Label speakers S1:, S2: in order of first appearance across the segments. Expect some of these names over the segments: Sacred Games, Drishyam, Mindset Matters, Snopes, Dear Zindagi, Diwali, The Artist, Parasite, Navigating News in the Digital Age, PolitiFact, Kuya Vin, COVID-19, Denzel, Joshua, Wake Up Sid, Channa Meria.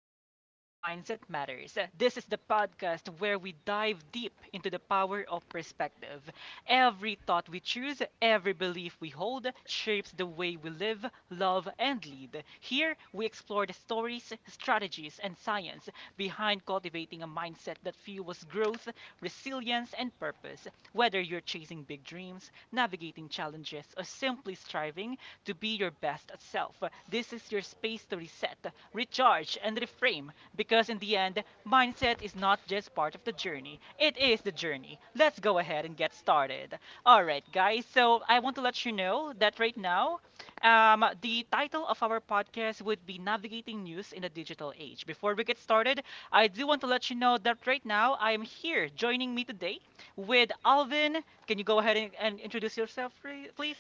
S1: Welcome to Mindset Matters. This is the podcast where we dive deep into the power of perspective. Every thought we choose, every belief we hold, shapes the way we live, love, and lead. Here, we explore the stories, strategies, and science behind cultivating a mindset that fuels growth, resilience, and purpose. Whether you're chasing big dreams, navigating challenges, or simply striving, to be your best self. This is your space to reset, recharge, and reframe because, in the end, mindset is not just part of the journey, it is the journey. Let's go ahead and get started. All right, guys, so I want to let you know that right now, the title of our podcast would be Navigating News in the Digital Age. Before we get started, I do want to let you know that right now I am here joining me today with Alvin. Can you go ahead and introduce yourself, please?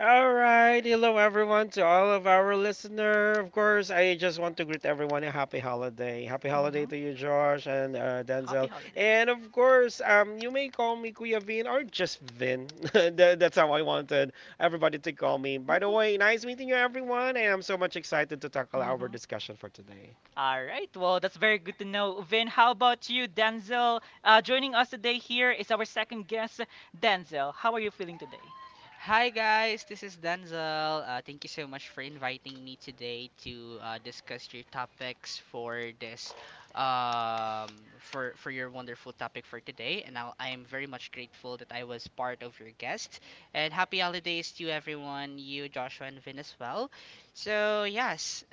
S2: All right, hello everyone to all of our listener. Of course, I just want to greet everyone a happy holiday. Happy holiday
S1: Hmm.
S2: to you, Josh and
S1: Happy
S2: Denzel.
S1: holidays.
S2: And of course, you may call me Kuya Vin or just Vin. That's how I wanted everybody to call me. By the
S1: Mhm,
S2: way, nice meeting you, everyone, and I'm so much excited to tackle our
S1: mhm.
S2: discussion for today.
S1: All right. Well, that's very good to know. Vin, how about you, Denzel? Joining us today here is our second guest, Denzel. How are you feeling today?
S3: Hi guys, this is Denzel. Thank you so much for inviting me today to discuss your topics for this for your wonderful topic for today. And I am very much grateful that I was part of your guest. And happy holidays to everyone, you Joshua and Vin as well. So yes.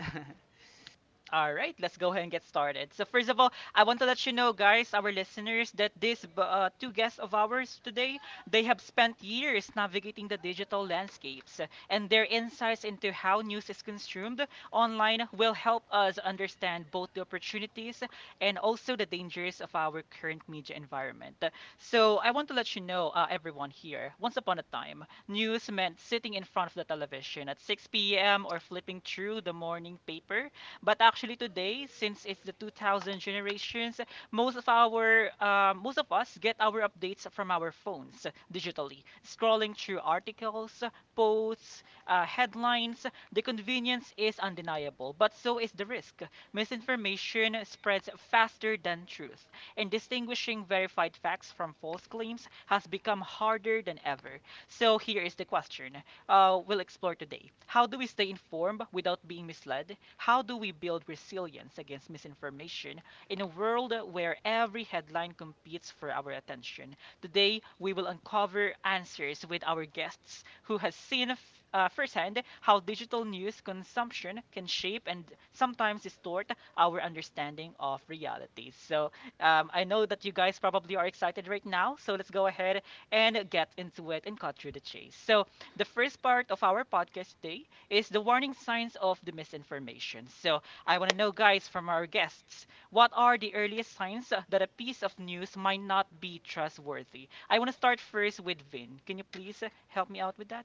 S1: All right, let's go ahead and get started. So, first of all, I want to let you know, guys, our listeners, that these two guests of ours today, they have spent years navigating the digital landscapes, and their insights into how news is consumed online will help us understand both the opportunities and also the dangers of our current media environment. So, I want to let you know, everyone here, once upon a time, news meant sitting in front of the television at 6 p.m. or flipping through the morning paper but actually today, since it's the 2000 generations, most of us get our updates from our phones digitally, scrolling through articles, posts, headlines. The convenience is undeniable, but so is the risk. Misinformation spreads faster than truth, and distinguishing verified facts from false claims has become harder than ever. So here is the question we'll explore today. How do we stay informed without being misled? How do we build resilience against misinformation in a world where every headline competes for our attention? Today, we will uncover answers with our guests who has seen firsthand how digital news consumption can shape and sometimes distort our understanding of reality. So, I know that you guys probably are excited right now, so let's go ahead and get into it and cut through the chase. So, the first part of our podcast today is the warning signs of the misinformation. So, I want to know, guys, from our guests, what are the earliest signs that a piece of news might not be trustworthy? I want to start first with Vin. Can you please help me out with that?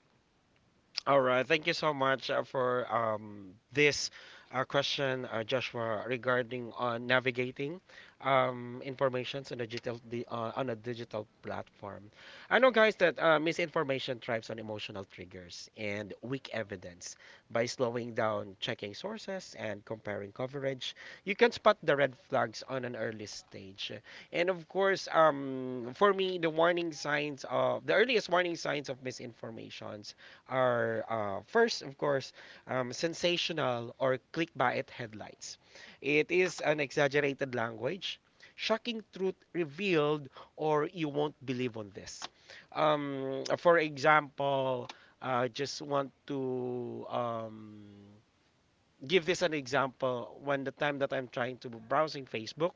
S2: All right, thank you so much for this question, Joshua, regarding on navigating informations on a on a digital platform. I know, guys, that misinformation thrives on emotional triggers and weak evidence. By slowing down, checking sources, and comparing coverage, you can spot the red flags on an early stage. And of course, for me, the warning signs of the earliest warning signs of misinformations are first, of course, sensational or clickbait headlines. It is an exaggerated language, shocking truth revealed, or you won't believe on this. For example, just want to give this an example. When the time that I'm trying to browsing Facebook,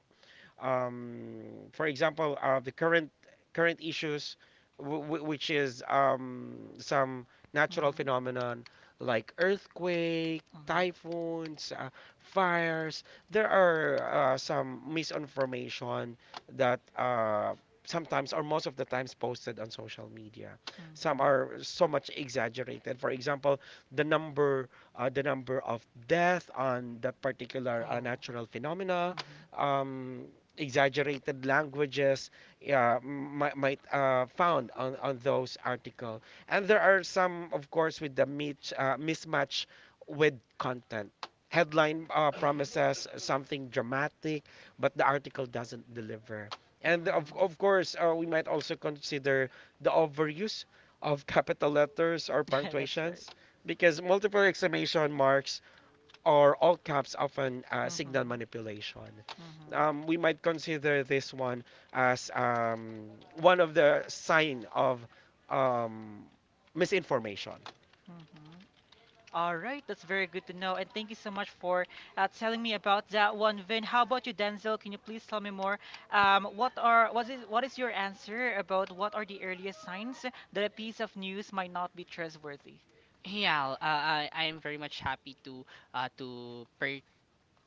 S2: um, for example, the current issues, which is some natural
S1: Mm-hmm.
S2: phenomenon like earthquake,
S1: Mm-hmm.
S2: typhoons, fires. There are some misinformation that sometimes or most of the times posted on social media. Some
S1: Mm-hmm.
S2: are so much exaggerated. For example, the number the number of death on that particular
S1: Oh.
S2: natural phenomena,
S1: Mm-hmm.
S2: um, exaggerated languages might found on those article, and there are some of course with the mismatch with content, headline
S1: Mm-hmm.
S2: promises something dramatic but the article doesn't deliver, and of, of
S1: Mm-hmm.
S2: course uh, we might also consider the overuse of capital letters or
S1: That's right.
S2: punctuations, because multiple exclamation marks or all caps often signal
S1: Mm-hmm.
S2: manipulation.
S1: Mm-hmm.
S2: We might consider this one as one of the sign of um, misinformation.
S1: Mm-hmm. All right, that's very good to know. And thank you so much for telling me about that one, Vin. How about you, Denzel? Can you please tell me more? What is your answer about what are the earliest signs that a piece of news might not be trustworthy?
S3: Yeah, I am very much happy to per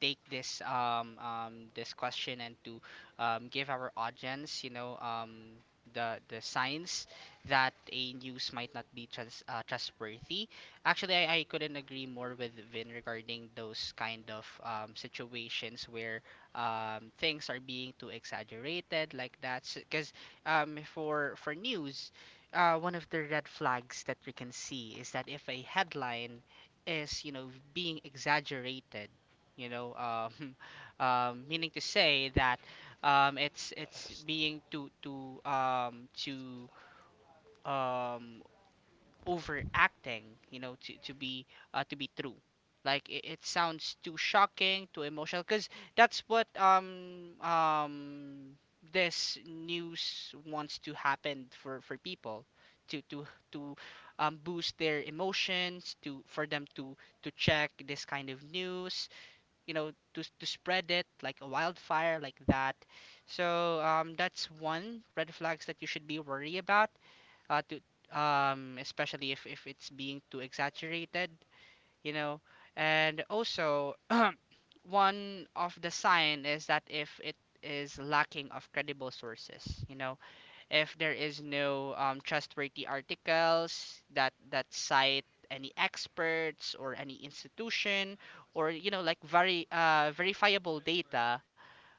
S3: take this this question and to give our audience, the signs that a news might not be trustworthy. Actually, I couldn't agree more with Vin regarding those kind of situations where things are being too exaggerated like that. Because for news, one of the red flags that we can see is that if a headline is, you know, being exaggerated, you know, meaning to say that it's being too um, overacting, you know, to be to be true, like it sounds too shocking, too emotional, because that's what this news wants to happen, for people to to to boost their emotions, to for them to check this kind of news, you know, to spread it like a wildfire, like that. So that's one red flags that you should be worried about, to especially if it's being too exaggerated, you know. And also one of the sign is that if it is lacking of credible sources, you know, if there is no trustworthy articles that cite any experts or any institution, or you know, like very verifiable data,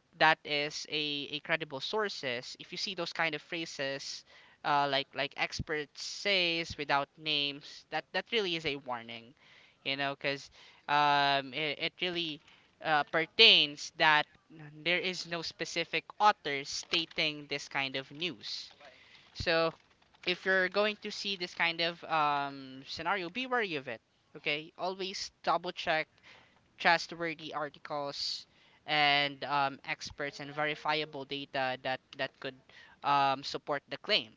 S3: that is a credible sources. If you see those kind of phrases like experts says without names, that really is a warning, you know, because it really pertains that there is no specific author stating this kind of news. So if you're going to see this kind of scenario, be wary of it. Okay, always double check trustworthy articles, and experts and verifiable data that could support the claim.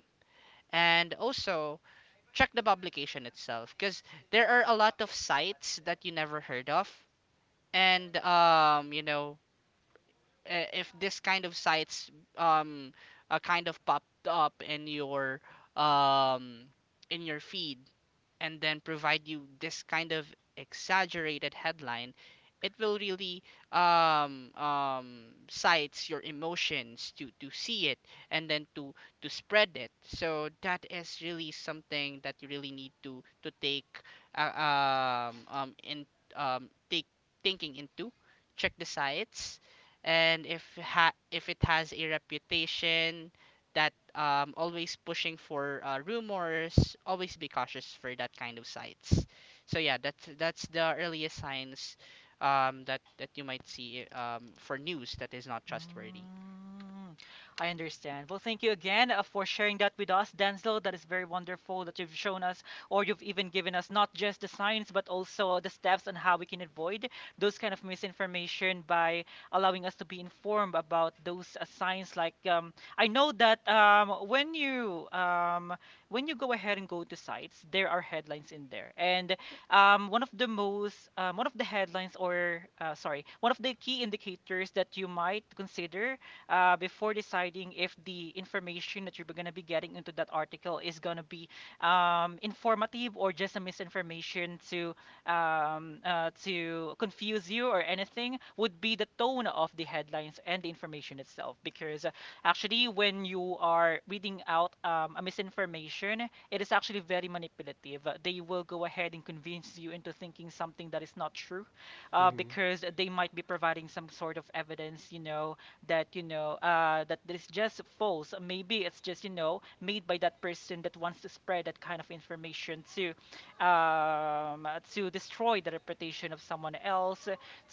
S3: And also check the publication itself, because there are a lot of sites that you never heard of, and you know, if this kind of sites um kind of popped up um in your feed, and then provide you this kind of exaggerated headline, it will really cites your emotions to see it, and then to spread it. So that is really something that you really need to take in take thinking into. Check the sites, and if it has a reputation that always pushing for rumors, always be cautious for that kind of sites. So yeah, that's the earliest signs that you might see for news that is not trustworthy.
S1: Mm, I understand. Well, thank you again for sharing that with us, Denzel. That is very wonderful that you've shown us, or you've even given us not just the signs, but also the steps on how we can avoid those kind of misinformation by allowing us to be informed about those signs. Like, I know that when you go ahead and go to sites, there are headlines in there, and one of the headlines or sorry one of the key indicators that you might consider before deciding if the information that you're going to be getting into that article is going to be informative or just a misinformation to confuse you or anything would be the tone of the headlines and the information itself. Because actually, when you are reading out a misinformation, it is actually very manipulative. They will go ahead and convince you into thinking something that is not true
S2: Mhm.
S1: because they might be providing some sort of evidence, you know, that that this just false. Maybe it's just you know made by that person that wants to spread that kind of information to destroy the reputation of someone else,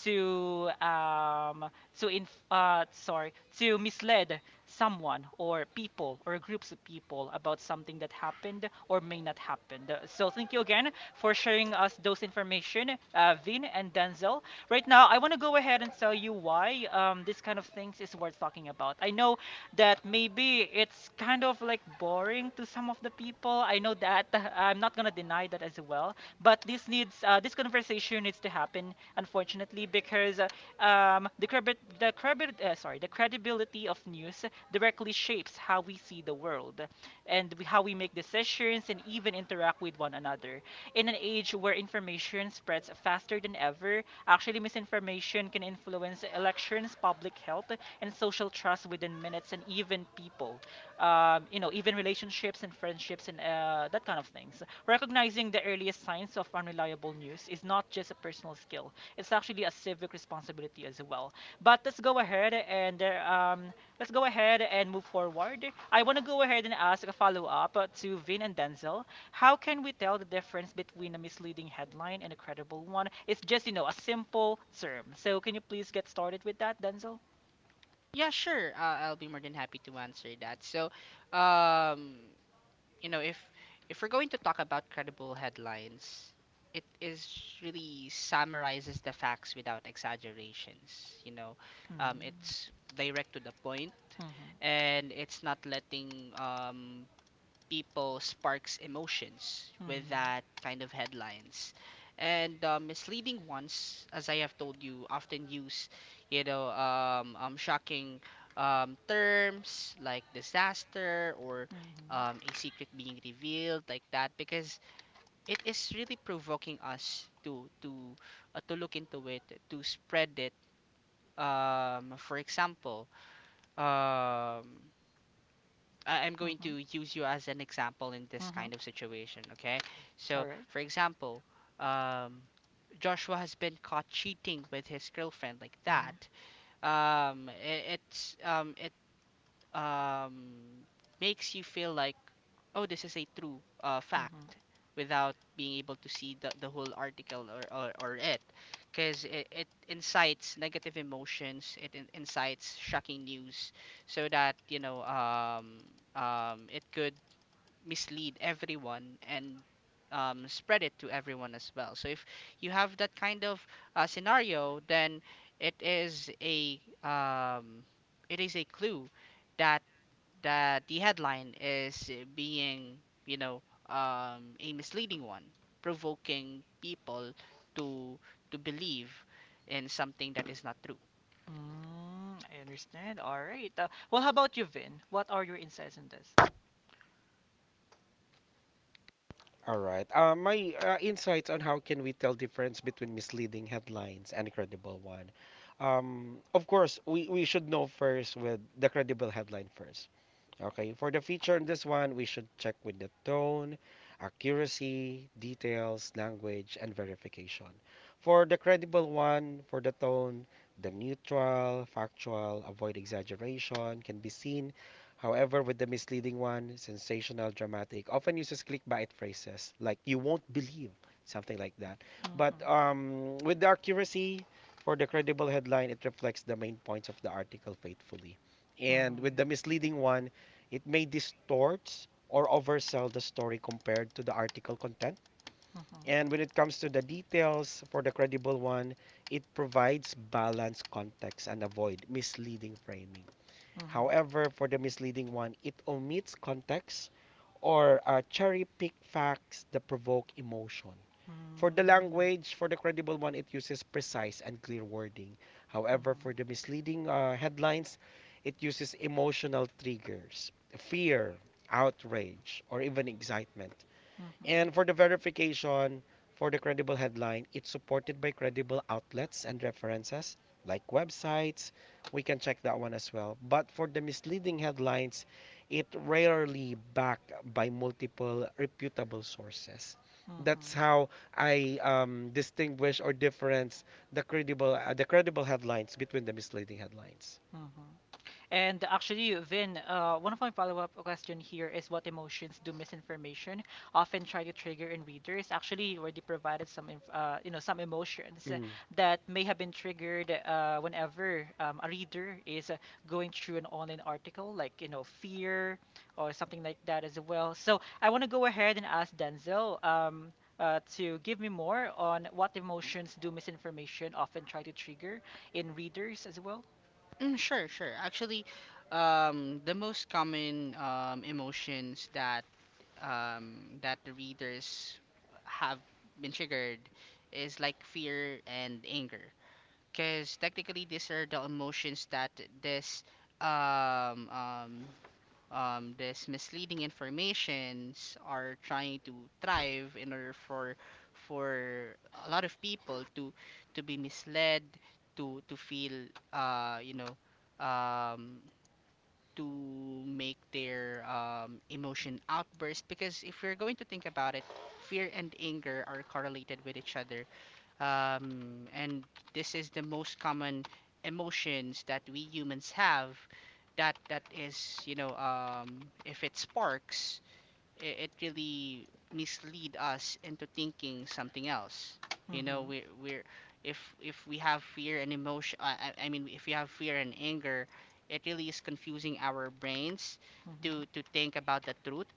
S1: to um, to inf- sorry to mislead someone or people or groups of people about something that happened or may not happen. So thank you again for sharing us those information, Vin and Denzel. Right now, I want to go ahead and tell you why this kind of things is worth talking about. I know that maybe it's kind of like boring to some of the people. I know that I'm not gonna deny that as well. But this conversation needs to happen, unfortunately, because the credibility of news directly shapes how we see the world and how we make decisions and even interact with one another. In an age where information spreads faster than ever, actually, misinformation can influence elections, public health, and social trust within minutes and even people you know, even relationships and friendships and that kind of things. Recognizing the earliest signs of unreliable news is not just a personal skill, it's actually a civic responsibility as well. But let's go ahead and move forward. I want to go ahead and ask a follow up to Vin and Denzel. How can we tell the difference between a misleading headline and a credible one? It's just you know a simple term. So can you please get started with that, Denzel?
S3: Yeah, sure. I'll be more than happy to answer that. So, um, you know, if we're going to talk about credible headlines, it is really summarizes the facts without exaggerations. You know,
S1: Mm.
S3: it's direct to the point,
S1: Mhm.
S3: and it's not letting people sparks emotions with
S1: Mhm.
S3: that kind of headlines. And misleading ones, as I have told you, often use, you know, shocking terms, like disaster, or
S1: Mhm.
S3: a secret being revealed, like that, because it is really provoking us to to look into it, to spread it. For example, um, I'm going
S1: Mhm.
S3: to use you as an example in this
S1: Mhm.
S3: kind of situation, okay?
S1: All
S3: So,
S1: right.
S3: for example, um, Joshua has been caught cheating with his girlfriend, like
S1: Mhm.
S3: that. It's it um, makes you feel like, oh, this is a true
S1: Mhm.
S3: fact, without being able to see the whole article, or it. Because it incites negative emotions, it incites shocking news, so that, you know, it could mislead everyone, and spread it to everyone as well. So if you have that kind of scenario, then it is a um, it is a clue that the headline is being, you know, a misleading one, provoking people to to believe in something that is not true.
S1: Mm, I understand. All right. Well, how about you, Vin? What are your insights on this?
S2: All right. My insights on how can we tell difference between misleading headlines and credible one. Of course, we should know first with the credible headline first. Okay, for the feature in this one, we should check with the tone, accuracy, details, language, and verification. For the credible one, for the tone, the neutral, factual, avoid exaggeration can be seen. However, with the misleading one, sensational, dramatic, often uses clickbait phrases like you won't believe, something like that. But
S1: Mhm.
S2: with the accuracy, for the credible headline, it reflects the main points of the article faithfully. And with the
S1: Mhm.
S2: misleading one, it may distort or oversell the story compared to the article content.
S1: Mhm.
S2: And when it comes to the details for the credible one, it provides balanced context and avoid misleading framing.
S1: Mhm.
S2: However, for the misleading one, it omits context or cherry pick facts that provoke emotion. For the
S1: Mhm.
S2: language, for the credible one, it uses precise and clear wording. However, for
S1: Mhm.
S2: the misleading headlines, it uses emotional triggers, fear, outrage, or even excitement. And
S1: Mhm.
S2: for the verification for the credible headline, it's supported by credible outlets and references like websites. We can check that one as well. But for the misleading headlines, it rarely backed by multiple reputable sources. That's
S1: Mhm.
S2: how I distinguish or difference the credible headlines between the misleading headlines.
S1: Mhm. And actually, Vin, one of my follow-up question here is what emotions do misinformation often try to trigger in readers? Actually, you already provided some, inf you know, some emotions
S2: Mm.
S1: that may have been triggered whenever a reader is going through an online article, like, you know, fear or something like that as well. So I want to go ahead and ask Denzel to give me more on what emotions do misinformation often try to trigger in readers as well.
S3: Mm, sure, sure. Actually, the most common emotions that the readers have been triggered is like fear and anger. Because technically, these are the emotions that this um, um, this misleading informations are trying to thrive, in order for for a lot of people to be misled, to feel, you know, um, to make their emotion outburst, because if you're going to think about it, fear and anger are correlated with each other. And this is the most common emotions that we humans have, that is, you know, if it sparks, it really mislead us into thinking something else. You know,
S1: Hmm.
S3: we we're if we have fear and emotion, I mean, if we have fear and anger, it really is confusing our brains
S1: Hmm.
S3: to think about the truth.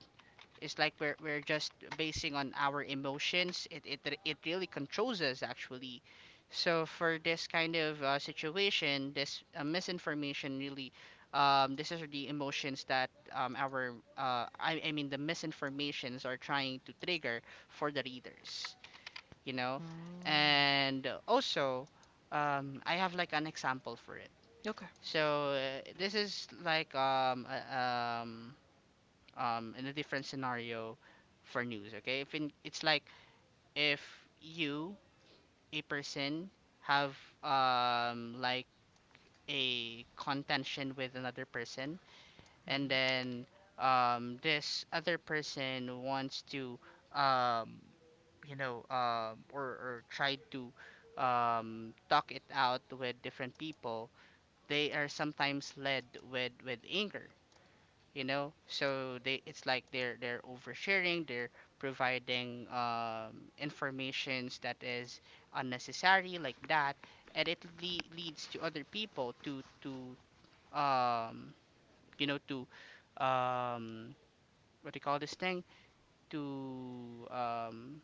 S3: It's like we're just basing on our emotions. It really controls us, actually. So for this kind of situation, this misinformation really, this is the emotions that our I mean the misinformations are trying to trigger for the readers, you know.
S1: Mm.
S3: And also, I have like an example for it.
S1: Okay.
S3: So this is like um in a different scenario for news. Okay, if in, it's like if you, a person, have like a contention with another person, and
S1: Mhm.
S3: then this other person wants to um you know, or try to talk it out with different people, they are sometimes led with anger, you know. So they it's like they're oversharing, they're providing informations that is unnecessary, like that, and it leads to other people um to um what do you call this thing, to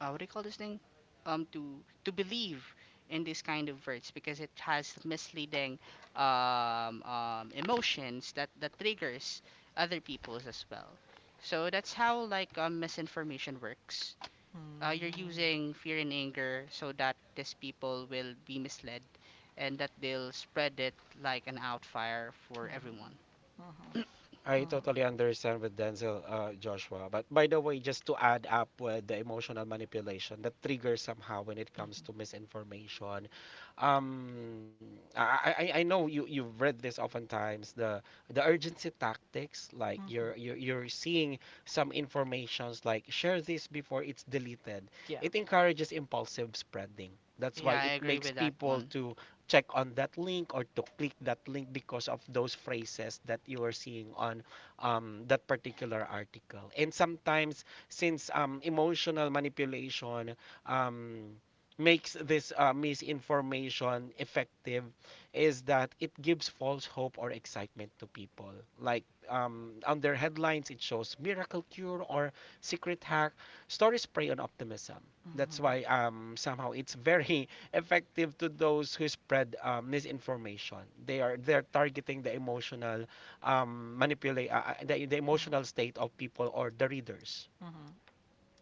S3: what do you call this thing? To believe in this kind of words, because it has misleading emotions that triggers other people's as well. So that's how, like, misinformation works. You're
S1: Mm.
S3: using fear and anger so that these people will be misled, and that they'll spread it like an outfire for
S1: Mhm.
S3: everyone.
S1: Mhm.
S2: I
S1: Mhm.
S2: totally understand with Denzel, Joshua. But by the way, just to add up with the emotional manipulation, the trigger somehow when it
S1: Mhm.
S2: comes to misinformation. Um, I know you've read this oftentimes, the urgency tactics, like
S1: Mhm.
S2: you're seeing some informations like share this before it's deleted.
S1: Yeah.
S2: It encourages impulsive spreading.
S3: Yeah,
S2: That's
S3: I
S1: Mhm.
S2: why it
S3: agree with
S2: makes
S3: that one.
S2: people to check on that link or to click that link because of those phrases that you are seeing on that particular article. And sometimes, since emotional manipulation um, makes this misinformation effective, is that it gives false hope or excitement to people. Like on their headlines, it shows miracle cure or secret hack. Stories prey on optimism.
S1: Mhm.
S2: That's why somehow it's very effective to those who spread misinformation. They're targeting the emotional manipulate the
S1: Mhm.
S2: emotional state of people or the readers.
S1: Mhm.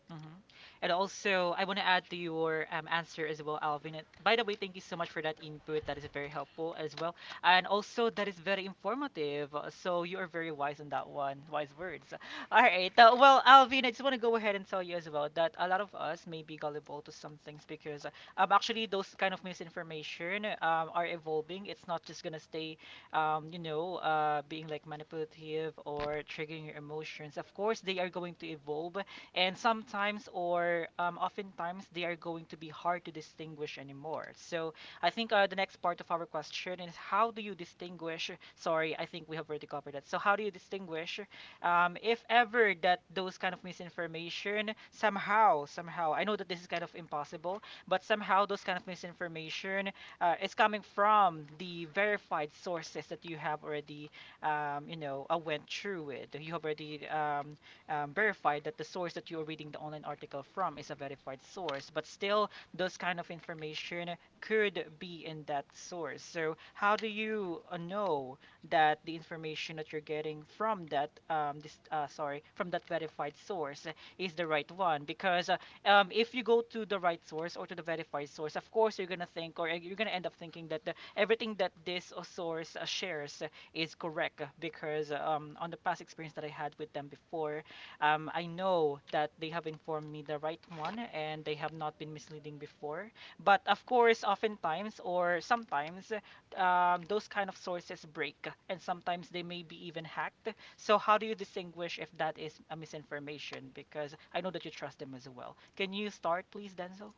S1: Hmm. And also, I want to add to your answer as well, Alvin. And by the way, thank you so much for that input. That is very helpful as well. And also, that is very informative. So, you are very wise on that one. Wise words. All right. Well, Alvin, I just want to go ahead and tell you as well that a lot of us may be gullible to some things because actually, those kind of misinformation are evolving. It's not just going to stay, you know, being like manipulative or triggering your emotions. Of course, they are going to evolve and sometimes or oftentimes they are going to be hard to distinguish anymore. So I think the next part of our question is how do you distinguish? Sorry, I think we have already covered that. So how do you distinguish if ever that those kind of misinformation somehow I know that this is kind of impossible, but somehow those kind of misinformation is coming from the verified sources that you have already went through with. You have already verified that the source that you're reading the online article from is a verified source, but still, those kind of information could be in that source. So, how do you know that the information that you're getting from that this sorry from that verified source is the right one? Because if you go to the right source or to the verified source, of course you're gonna think or you're gonna end up thinking that the, everything that this source shares is correct because on the past experience that I had with them before, I know that they have informed me the right one and they have not been misleading before. But of course, oftentimes or sometimes, those kind of sources break and sometimes they may be even hacked. So, how do you distinguish if that is a misinformation? Because I know that you trust them as well. Can you start, please, Denzel?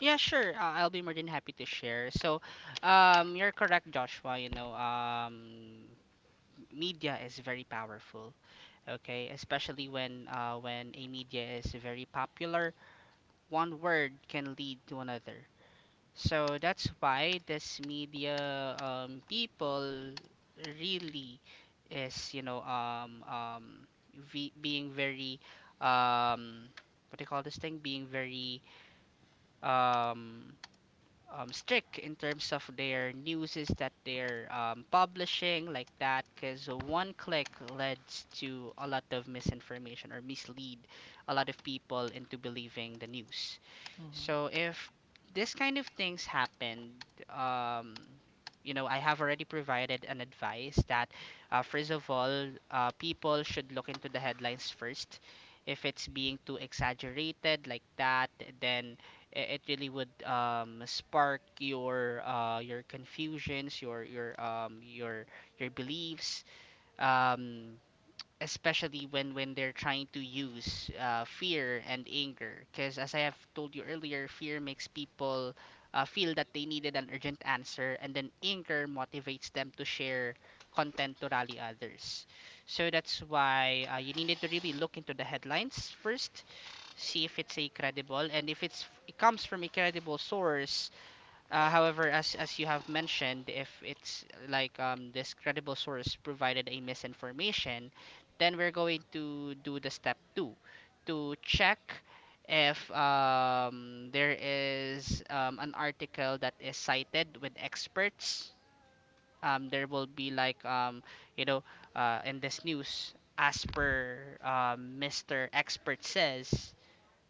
S3: Yeah, sure. I'll be more than happy to share. So, you're correct, Joshua. You know, media is very powerful. Okay, especially when a media is very popular, one word can lead to another. So that's why this media people really is, you know, ve being very um, what do you call this thing? Being very um, strict in terms of their news, is that they're publishing like that, because one click leads to a lot of misinformation, or mislead a lot of people into believing the news. So
S1: Mm-hmm.
S3: if this kind of things happened, um, you know, I have already provided an advice that, first of all, people should look into the headlines first. If it's being too exaggerated like that, then it really would spark your confusions, your beliefs. Um, Especially when they're trying to use fear and anger, because as I have told you earlier, fear makes people feel that they needed an urgent answer, and then anger motivates them to share content, to rally others. So that's why you needed to really look into the headlines first, see if it's a credible, and if it's it comes from a credible source. However, as you have mentioned, if it's like, this credible source provided a misinformation, then we're going to do the step two, to check if there is an article that is cited with experts. There will be like, you know, in this news, as per Mr. Expert says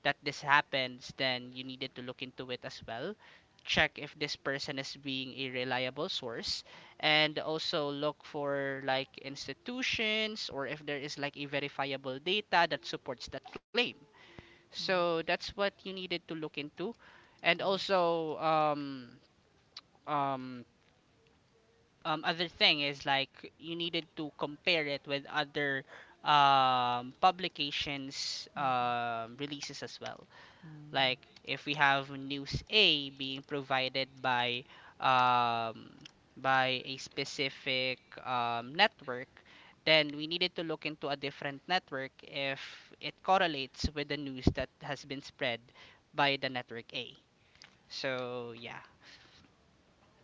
S3: that this happens, then you needed to look into it as well. Check if this person is being a reliable source, and also look for like institutions, or if there is like a verifiable data that supports that claim. So that's what you needed to look into. And
S1: Mm-hmm.
S3: also, um, other thing is like you needed to compare it with other publications
S1: Mm-hmm.
S3: releases as well. Like
S1: Mm-hmm.
S3: if we have news A being provided um, by a specific network, then we needed to look into a different network if it correlates with the news that has been spread by the network A. So yeah,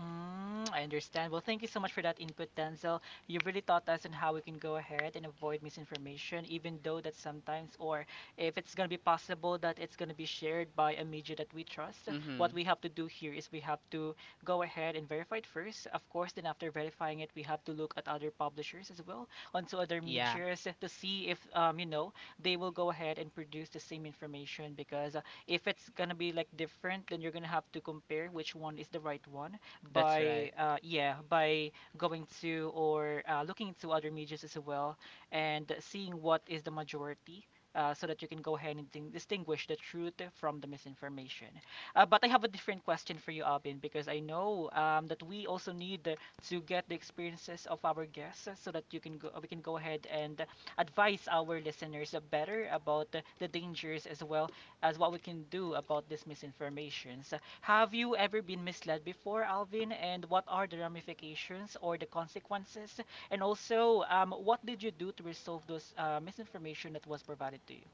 S1: Mm, I understand. Well, thank you so much for that input, Denzel. You've really taught us on how we can go ahead and avoid misinformation, even though that sometimes, or if it's going to be possible that it's going to be shared by a media that we trust, what
S3: mm-hmm.
S1: we have to do here is we have to go ahead and verify it first. Of course, then after verifying it, we have to look at other publishers as well, onto other
S3: Yeah,
S1: medias to see if, you know, they will go ahead and produce the same information because if it's going to be like different, then you're going to have to compare which one is the right one
S3: that's right.
S1: by yeah by going to or looking into other medias as well and seeing what is the majority, so that you can go ahead and distinguish the truth from the misinformation. But I have a different question for you, Alvin, because I know that we also need to get the experiences of our guests so that we can go ahead and advise our listeners better about the dangers as well as what we can do about these misinformations. Have you ever been misled before, Alvin? And what are the ramifications or the consequences? And also, what did you do to resolve those misinformation that was provided to you?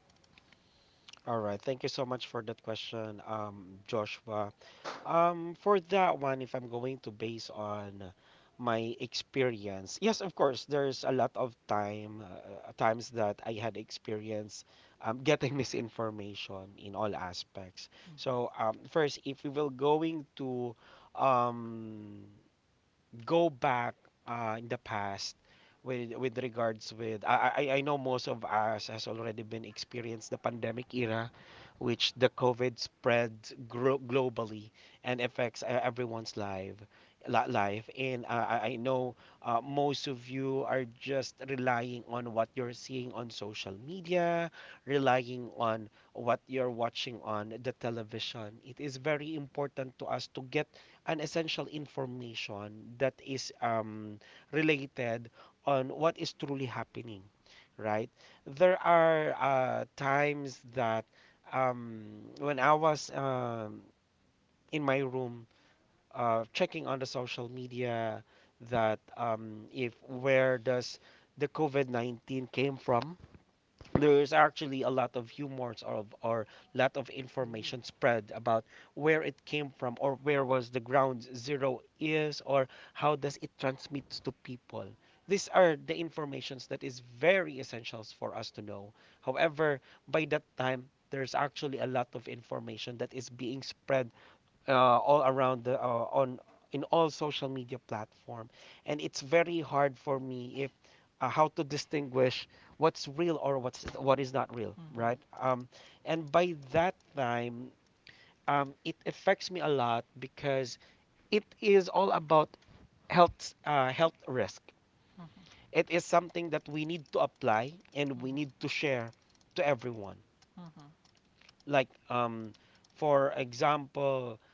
S2: All right. Thank you so much for that question, Joshua. For that one, if I'm going to base on my experience, yes, of course, there's a lot of time, times that I had experience getting misinformation in all aspects.
S1: Mhm,
S2: So, first, if we will going to um, go back in the past with regards with I know most of us has already been experienced the pandemic era, which the COVID spread globally and affects everyone's life and I know most of you are just relying on what you're seeing on social media, relying on what you're watching on the television. It is very important to us to get an essential information that is related on what is truly happening, right? There are times that um, when I was in my room checking on the social media, that if where does the COVID-19 came from, there's actually a lot of humors of or lot of information spread about where it came from or where was the ground zero is or how does it transmit to people. These are the informations that is very essentials for us to know. However, by that time, there's actually a lot of information that is being spread, uh, all around the on in all social media platform, and it's very hard for me if how to distinguish what's real or what is not real,
S1: mhm,
S2: right? And by that time, it affects me a lot because it is all about health risk.
S1: mhm,
S2: It is something that we need to apply and we need to share to everyone.
S1: mhm, mhm,
S2: Like for example,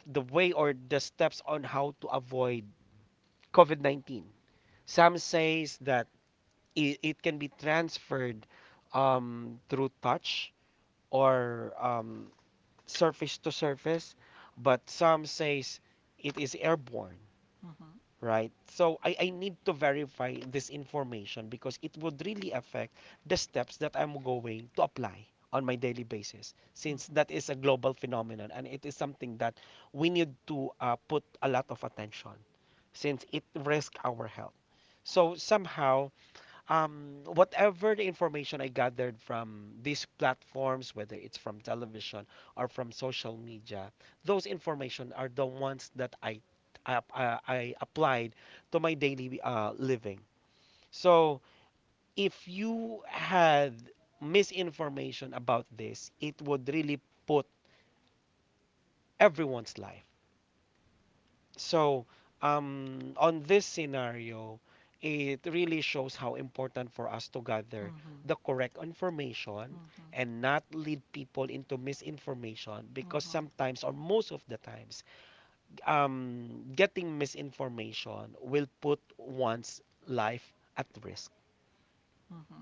S2: the way or the steps on how to avoid COVID 19. Some says that it can be transferred through touch or surface to surface, but some says it is airborne,
S1: mhm,
S2: right? So I need to verify this information, because it would really affect the steps that I'm going to apply on my daily basis,
S1: mhm,
S2: since that is a global phenomenon and it is something that we need to put a lot of attention, since it risks our health. So somehow, whatever the information I gathered from these platforms, whether it's from television or from social media, those information are the ones that I applied to my daily living. So if you had misinformation about this, it would really put everyone's life. So, on this scenario, it really shows how important for us to gather
S1: mhm,
S2: the correct information
S1: mhm,
S2: and not lead people into misinformation,
S1: mhm,
S2: because
S1: mhm.
S2: sometimes, or most of the times, getting misinformation will put one's life at risk.
S1: Mhm.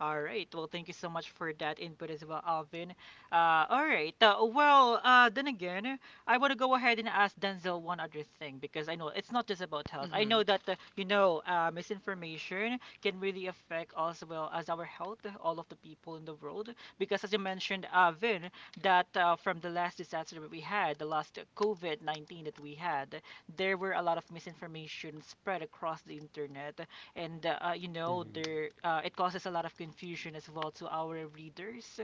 S1: All right. Well, thank you so much for that input as well, Alvin. All right. Well, then again, I want to go ahead and ask Denzel one other thing because I know it's not just about health. I
S3: Mm-hmm.
S1: know that you know misinformation can really affect as well as our health, all of the people in the world. Because as you mentioned, Alvin, that from the last disaster that we had, the last COVID-19 that we had, there were a lot of misinformation spread across the internet and you know
S2: Mhm.
S1: there it causes a lot of confusion as well to our readers.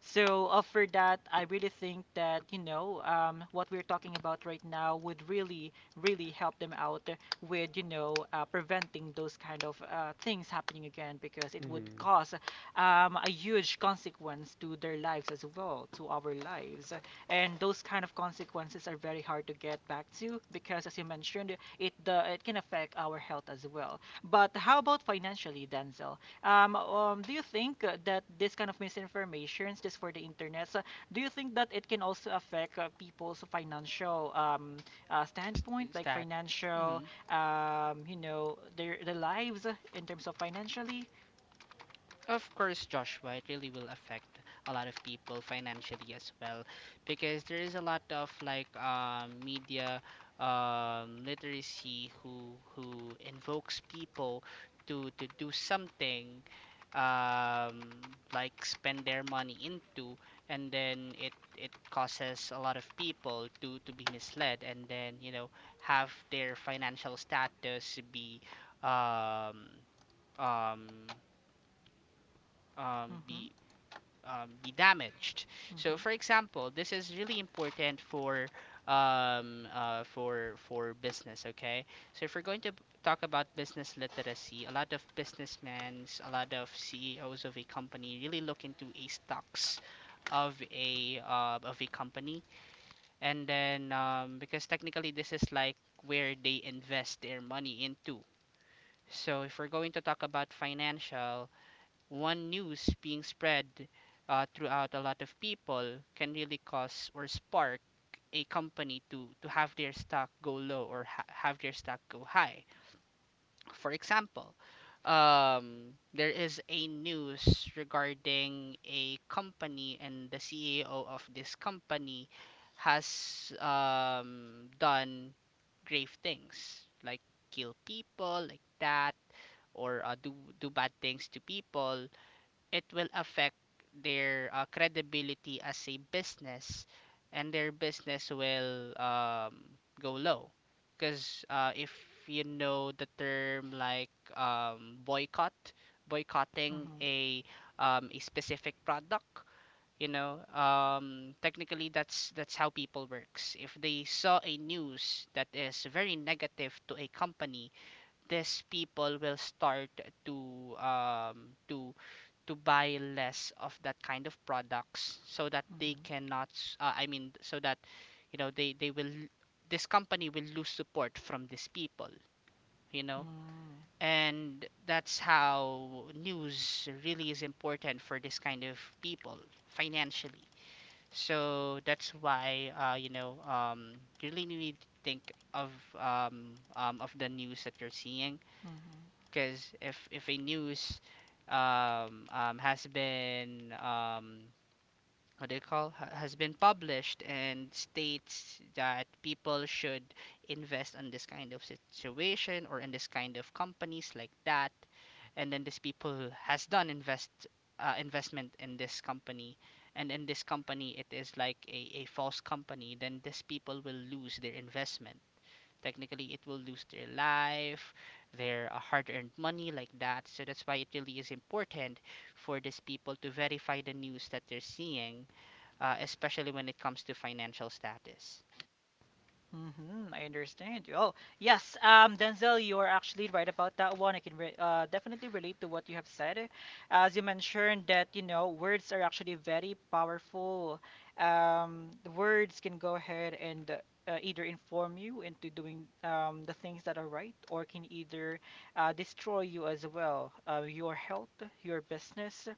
S1: So for that I really think that you know what we're talking about right now would really help them out with you know preventing those kind of things happening again because it would
S2: Mhm.
S1: cause a huge consequence to their lives as well to our lives, and those kind of consequences are very hard to get back to because as you mentioned it the it can affect our health as well. But how about financially, Denzel? Do you think that this kind of misinformation, just for the internet, do you think that it can also affect people's financial standpoint,
S3: Is
S1: like
S3: that?
S1: financial,
S3: Mm-hmm.
S1: you know, their lives in terms of financially?
S3: Of course, Joshua, it really will affect a lot of people financially as well because there is a lot of like media literacy who invokes people to do something, like spend their money into. And then it causes a lot of people to be misled, and then you know, have their financial status be um, um, um,
S1: Mm-hmm,
S3: be damaged. So,
S1: mm-hmm,
S3: for example, this is really important for business. Okay, so if we're going to talk about business literacy, a lot of businessmen, a lot of CEOs of a company really look into a stocks of a company, and then because technically this is like where they invest their money into. So if we're going to talk about financial, one news being spread throughout a lot of people can really cause or spark a company to have their stock go low or have their stock go high. For example, there is a news regarding a company, and the CEO of this company has done grave things, like kill people like that, or do bad things to people. It will affect their credibility as a business, and their business will go low because if you know the term like, boycotting
S1: mm-hmm,
S3: a specific product, you know, technically that's how people works. If they saw a news that is very negative to a company, these people will start to to buy less of that kind of products, so that they
S1: mm-hmm,
S3: cannot so that you know they will, this company will lose support from these people, you know,
S1: mm-hmm.
S3: and that's how news really is important for this kind of people, financially. So that's why, you know, you really need to think of the news that you're seeing,
S1: Mm-hmm.
S3: because if a news has been what do you call ha- has been published and states that people should invest in this kind of situation or in this kind of companies like that, and then these people who has done investment in this company, and in this company it is like a false company, then these people will lose their investment. Technically, it will lose their life, their hard-earned money, like that. So that's why it really is important for these people to verify the news that they're seeing, especially when it comes to financial status.
S1: Mm-hmm, I understand you. Oh, yes, Denzel, you are actually right about that one. I can re definitely relate to what you have said. As you mentioned that, you know, words are actually very powerful. The words can go ahead and either inform you into doing the things that are right or can either destroy you as well, your health, your business.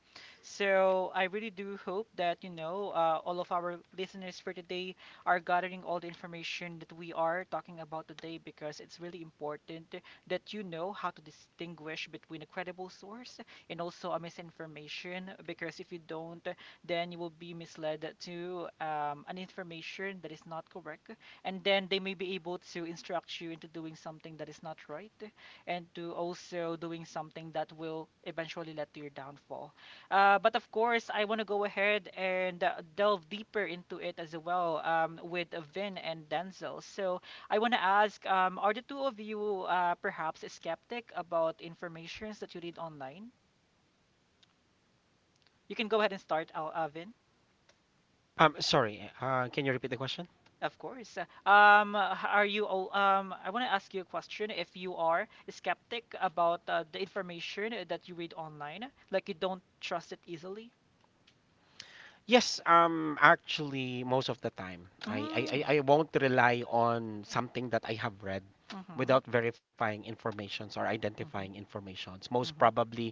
S1: So I really do hope that, you know, all of our listeners for today are gathering all the information that we are talking about today because it's really important that you know how to distinguish between a credible source and also a misinformation, because if you don't, then you will be misled to an information that is not correct, and then they may be able to instruct you into doing something that is not right, and to also doing something that will eventually lead to your downfall. But of course, I want to go ahead and delve deeper into it as well with Vin and Denzel. So I want to ask, are the two of you perhaps skeptic about informations that you read online? You can go ahead and start, Al Vin.
S2: Sorry, can you repeat the question?
S1: Of course. Are you all, I want to ask you a question if you are skeptic about the information that you read online, like you don't trust it easily?
S2: Yes, actually, most of the time, I, I,
S1: Mm.
S2: I I won't rely on something that I have read
S1: Mm-hmm.
S2: without verifying informations or
S1: Mm-hmm.
S2: identifying informations. Most
S1: Mm-hmm.
S2: probably,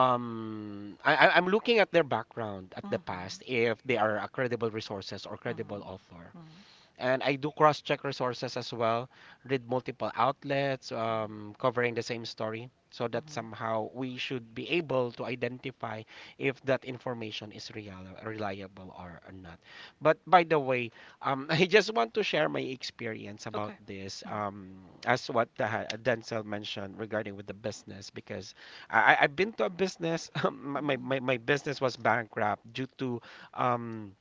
S2: I'm looking at their background at the past
S1: Mm-hmm.
S2: if they are a credible resources or credible author,
S1: Mm-hmm. Mm-hmm.
S2: and I do cross-check resources as well, read multiple outlets
S1: Mm-hmm.
S2: covering the same story, so that
S1: Mm-hmm.
S2: somehow we should be able to identify if that information is real, reliable or not. But by the way, I just want to share my experience about
S1: Okay.
S2: this,
S1: Mm-hmm.
S2: as what Denzel mentioned regarding with the business, because I've been to a business, my, my, my
S1: Mm-hmm.
S2: my business was bankrupt due to um,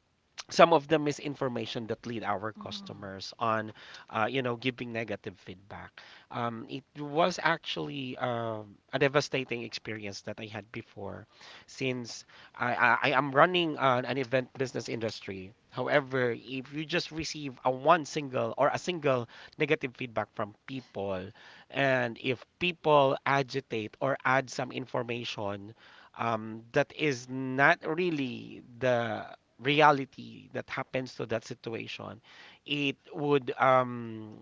S2: some of the misinformation that lead our customers on you know giving negative feedback. It was actually a devastating experience that I had before, since I am running an event business industry. However, if you just receive a one single or a single negative feedback from people, and if people agitate or add some information that is not really the reality that happens to that situation, it would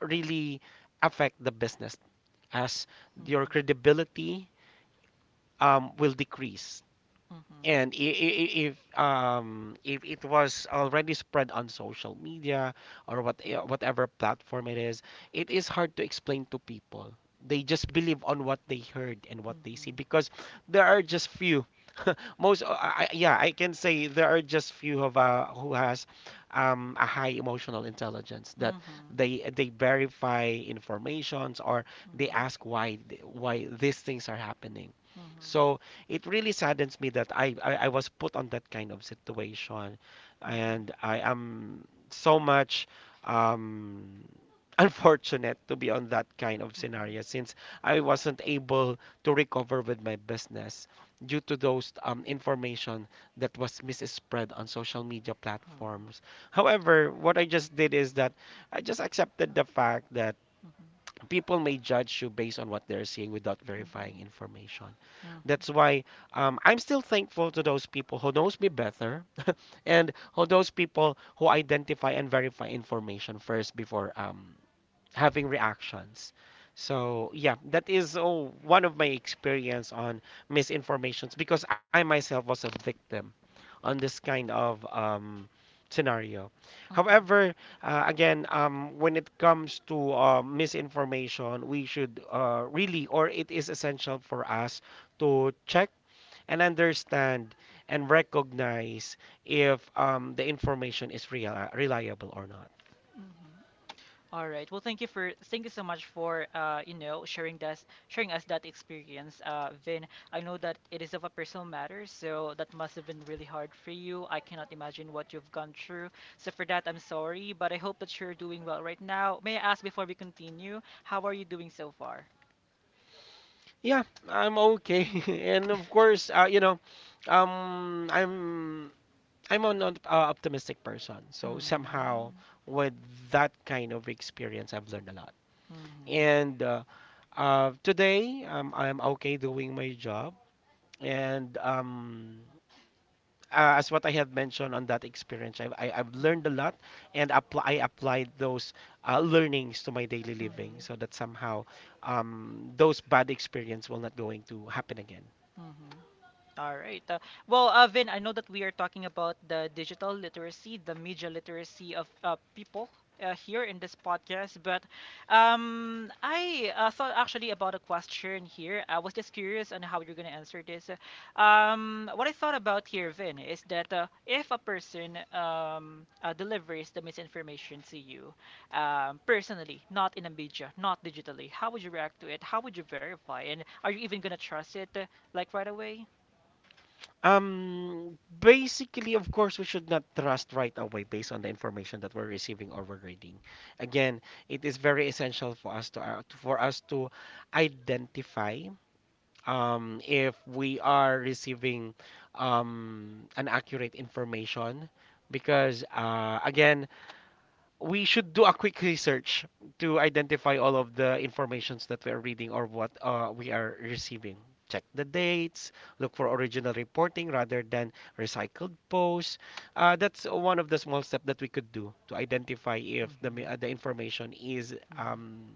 S2: really affect the business, as your
S1: Mm-hmm.
S2: credibility will decrease.
S1: Mm-hmm.
S2: And if it was already spread on social media or whatever platform it is hard to explain to people. They just believe on what they heard and what they see, because there are just few. Most, yeah, I can say there are just few of who has a high emotional intelligence, that
S1: Mm-hmm.
S2: they verify informations or they
S1: Mm-hmm.
S2: ask why why these things are happening.
S1: Mm-hmm.
S2: So it really saddens me that I was put on that kind of situation. And
S1: Mm-hmm.
S2: I am so much um, unfortunate to be on that kind of
S1: Mm-hmm.
S2: scenario since I wasn't able to recover with my business due to those information that was misspread on social media
S1: Oh.
S2: platforms. However, what I just did is that I just accepted the fact that
S1: Mm-hmm.
S2: people may judge you based on what they're seeing without verifying information. That's
S1: Mm-hmm.
S2: why I'm still thankful to those people who knows me better, and who those people who identify and verify information first before having reactions. So yeah, that is oh, one of my experience on misinformations because I myself was a victim on this kind of scenario.
S1: Mm-hmm.
S2: However, again, when it comes to misinformation, we should really, or it is essential for us to check and understand and recognize if the information is real, reliable or not.
S1: Mm-hmm. All right. Well, thank you so much for you know sharing us that experience, uh, Vin. I know that it is of a personal matter, so that must have been really hard for you. I cannot imagine what you've gone through. So for that, I'm sorry, but I hope that you're doing well right now. May I ask before we continue, how are you doing so far?
S2: Yeah, I'm okay. And of course, I'm I'm an optimistic person, so
S1: Hmm.
S2: somehow with that kind of experience, I've learned a lot.
S1: Mm-hmm.
S2: And today, I'm okay doing my job. And as what I have mentioned on that experience, I've learned a lot
S1: Mm-hmm.
S2: and I applied those learnings to my daily
S1: Mm-hmm.
S2: living so that somehow those bad experience will not going to happen again.
S1: Mm-hmm. All right. Well, Vin, I know that we are talking about the digital literacy, the media literacy of people here in this podcast, but I thought actually about a question here. I was just curious on how you're going to answer this. What I thought about here, Vin, is that if a person delivers the misinformation to you personally, not in a media, not digitally, how would you react to it? How would you verify? And are you even going to trust it like right away?
S2: Basically, of course, we should not trust right away based on the information that we're receiving or we're reading. Again, it is very essential for us to identify if we are receiving an accurate information because again, we should do a quick research to identify all of the informations that we are reading or what we are receiving. Check the dates, look for original reporting rather than recycled posts. That's one of the small steps that we could do to identify if the, ma-
S1: Mhm,
S2: uh, the information is
S1: mhm,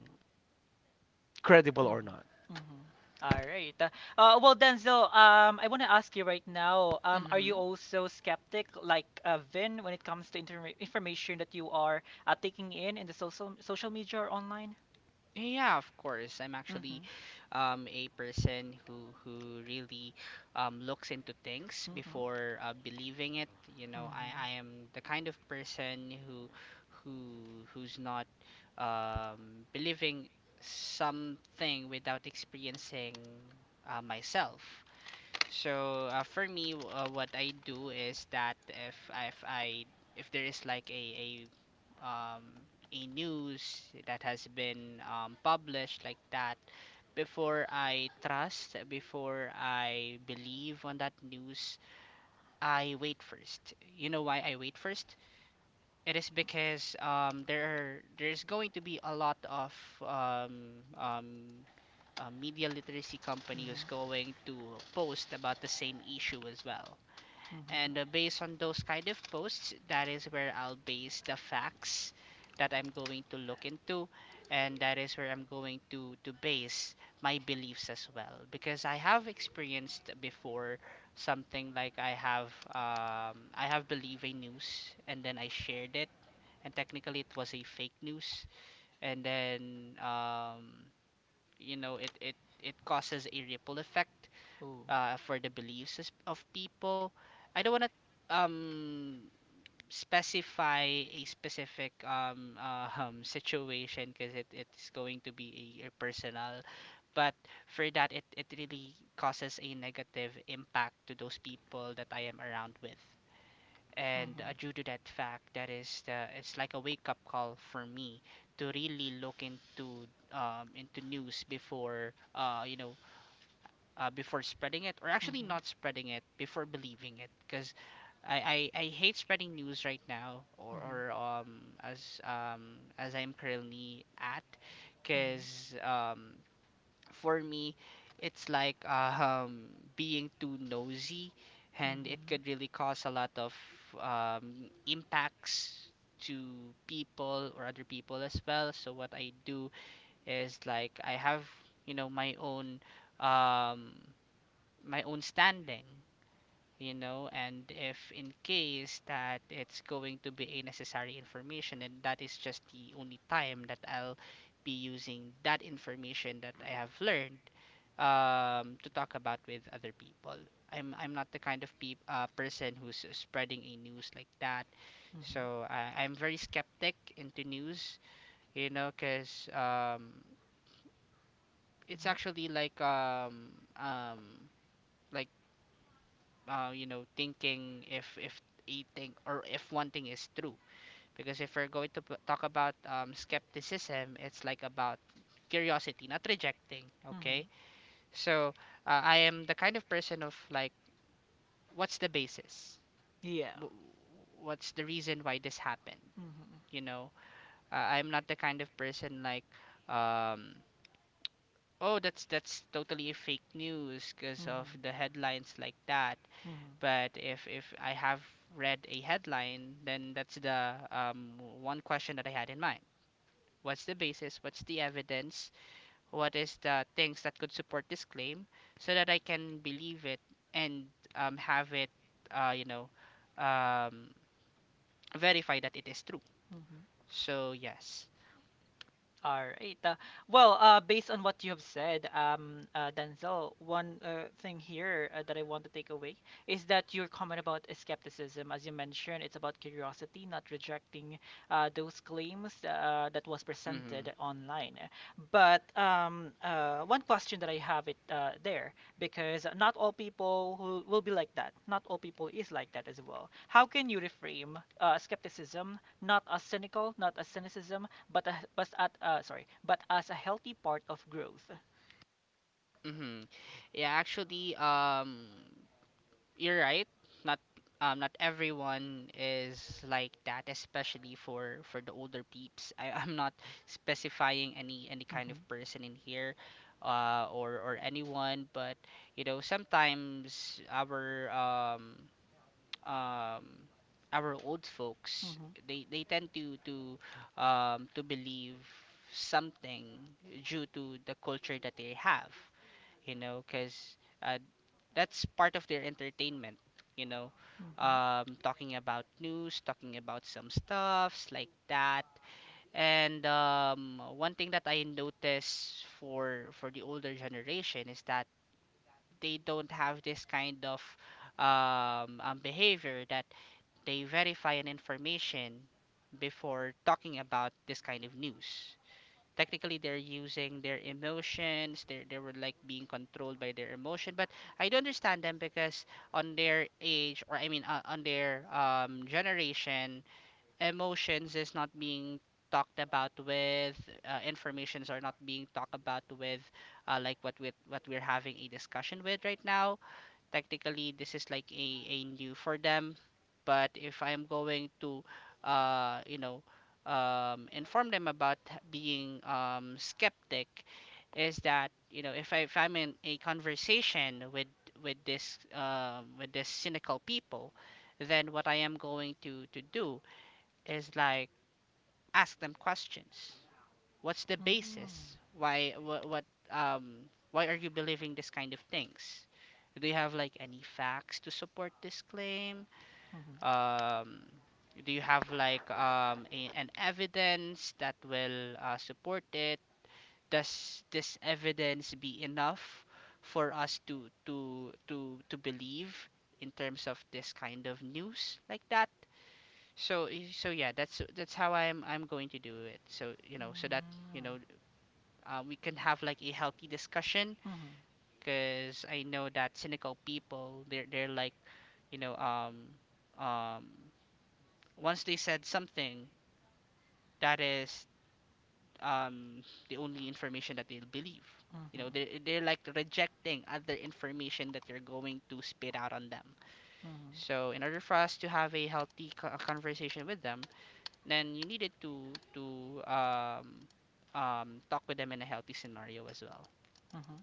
S2: credible or
S1: mhm,
S2: not.
S1: mhm. All right. Well, Denzel, I want to ask you right now, are you
S3: hmm
S1: also skeptic like Vin when it comes to inter information that you are taking in the social media or online?
S3: Yeah, of course. I'm actually
S1: Mm-hmm,
S3: a person who really looks into things
S1: mm-hmm,
S3: before believing it. You know,
S1: mm-hmm,
S3: I am the kind of person who's not believing something without experiencing myself. So for me, what I do is that if I, if there is like um a news that has been published like that, before I trust, before I believe on that news, I wait first. You know why I wait first? It is because there are, there's going to be a lot of um um media literacy company
S1: mm-hmm,
S3: who's going to post about the same issue as well.
S1: mm-hmm.
S3: And based on those kind of posts, that is where I'll base the facts that I'm going to look into, and that is where I'm going to base my beliefs as well. Because I have experienced before something like I have believed a news and then I shared it, and technically it was a fake news, and then you know, it causes a ripple effect
S1: Ooh.
S3: for the beliefs of people. I don't want to um specify a specific situation because it, it's going to be a personal. But for that, it really causes a negative impact to those people that I am around with. And
S1: Mm-hmm,
S3: due to that fact, that is the, it's like a wake up call for me to really look into news before, you know, before spreading it, or actually
S1: mm-hmm,
S3: not spreading it before believing it. Because I hate spreading news right now,
S1: mm-hmm,
S3: or as I'm currently at,
S1: mm-hmm,
S3: because for me, it's like um being too nosy, and it
S1: mm-hmm,
S3: could really cause a lot of impacts to people or other people as well. So what I do is like I have, you know, um my own standing, you know, and if in case that it's going to be a necessary information, and that is just the only time that I'll be using that information that I have learned to talk about with other people. I'm not the kind of peop person who's spreading a news like that.
S1: mm-hmm,
S3: So I, I'm very skeptic into news, you know, because it's actually like um like, you know, thinking if a thing or if one thing is true. Because if we're going to talk about skepticism, it's like about curiosity, not rejecting.
S1: mm-hmm.
S3: Okay, so I am the kind of person of like, what's the basis?
S1: Yeah.
S3: Wh- What's the reason why this happened?
S1: Mm-hmm,
S3: You know, I'm not the kind of person like, um, oh, that's totally fake news because
S1: mm-hmm,
S3: of the headlines like that.
S1: mm-hmm,
S3: But if I have read a headline, then that's the, one question that I had in mind. What's the basis? What's the evidence? What is the things that could support this claim, so that I can believe it and have it, you know, um, verify that it is true.
S1: mm-hmm.
S3: So yes.
S1: All right. Well, based on what you have said, Denzel, one thing here that I want to take away is that your comment about skepticism, as you mentioned, it's about curiosity, not rejecting those claims that was
S3: Mm-hmm.
S1: presented online. But one question that I have it there, because not all people who will be like that, not all people is like that as well. How can you reframe skepticism, not as cynical, not as cynicism, but a, but at sorry, but as a healthy part of growth?
S3: Mm-hmm. Yeah, actually, you're right. Not not everyone is like that, especially for the older peeps. I, I'm not specifying any kind
S1: Mm-hmm.
S3: of person in here, or anyone, but you know, sometimes our um our old folks,
S1: Mm-hmm.
S3: they tend to to believe something due to the culture that they have, you know, because uh, that's part of their entertainment, you know,
S1: Mm-hmm.
S3: talking about news, talking about some stuffs like that. And one thing that I notice for the older generation is that they don't have this kind of behavior that they verify an information before talking about this kind of news. Technically they're using their emotions, they were like being controlled by their emotion. But I do understand them because on their age, or I mean, on their generation, emotions is not being talked about with, informations are not being talked about with, like what we what we're having a discussion with right now. Technically this is like a new for them. But if I am going to, you know, inform them about being, skeptic, is that you know, if, I, if I'm in a conversation with this cynical people, then what I am going to do is like ask them questions. What's the
S1: Mm-hmm.
S3: basis? Why what um why are you believing this kind of things? Do you have like any facts to support this claim?
S1: Mm-hmm.
S3: um do you have like a, an evidence that will support it? Does this evidence be enough for us to believe in terms of this kind of news like that? So yeah, that's how I'm going to do it. So you know, so that you know, we can have like a healthy discussion,
S1: Mm-hmm. Mm-hmm.
S3: because I know that cynical people, they're like, you know, um once they said something that is, um the only information that they'll believe. You know,
S1: Mm-hmm.
S3: they they're like rejecting other information that you're going to spit out on them.
S1: Mm-hmm.
S3: So in order for us to have a healthy conversation with them, then you needed to talk with them in a healthy scenario as well.
S1: Mm-hmm.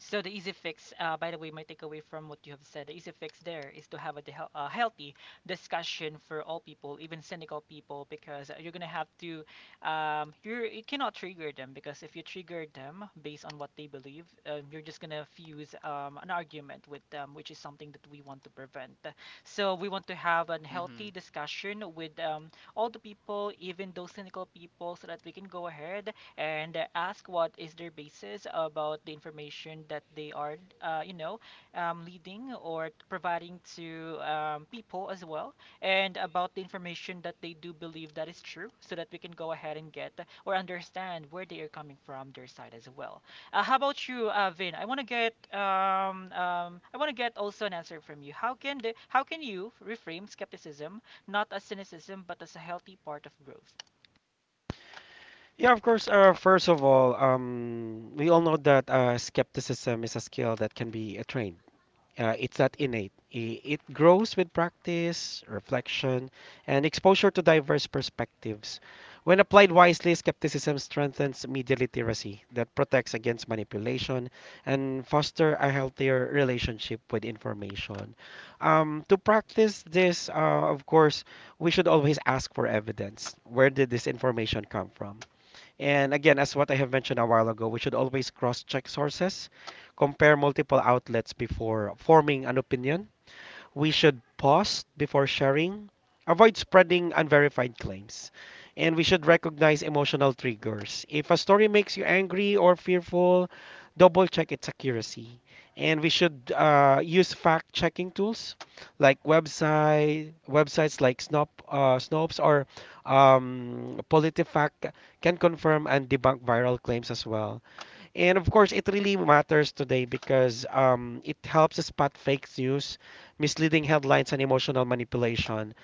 S1: So the easy fix, by the way, my takeaway from what you have said, the easy fix there is to have a healthy discussion for all people, even cynical people, because you're gonna have to, you cannot trigger them because if you trigger them based on what they believe, you're just gonna fuse an argument with them, which is something that we want to prevent. So we want to have a
S3: hmm
S1: healthy discussion with all the people, even those cynical people, so that we can go ahead and ask what is their basis about the information that they are, you know, leading or providing to people as well, and about the information that they do believe that is true, so that we can go ahead and get or understand where they are coming from their side as well. How about you, Vin? I want to get I want to get also an answer from you. How can you reframe skepticism not as cynicism but as a healthy part of growth?
S2: Yeah, of course. First of all, we all know that skepticism is a skill that can be trained. It's not innate. It grows with practice, reflection, and exposure to diverse perspectives. When applied wisely, skepticism strengthens media literacy that protects against manipulation and foster a healthier relationship with information. To practice this, of course, we should always ask for evidence. Where did this information come from? And again, as what I have mentioned a while ago, we should always cross check sources, compare multiple outlets before forming an opinion, we should pause before sharing, avoid spreading unverified claims, and we should recognize emotional triggers. If a story makes you angry or fearful, double check its accuracy. And we should use fact checking tools like websites like Snopes or PolitiFact can confirm and debunk viral claims as well. And of course, it really matters today because it helps us spot fake news, misleading headlines, and emotional manipulation.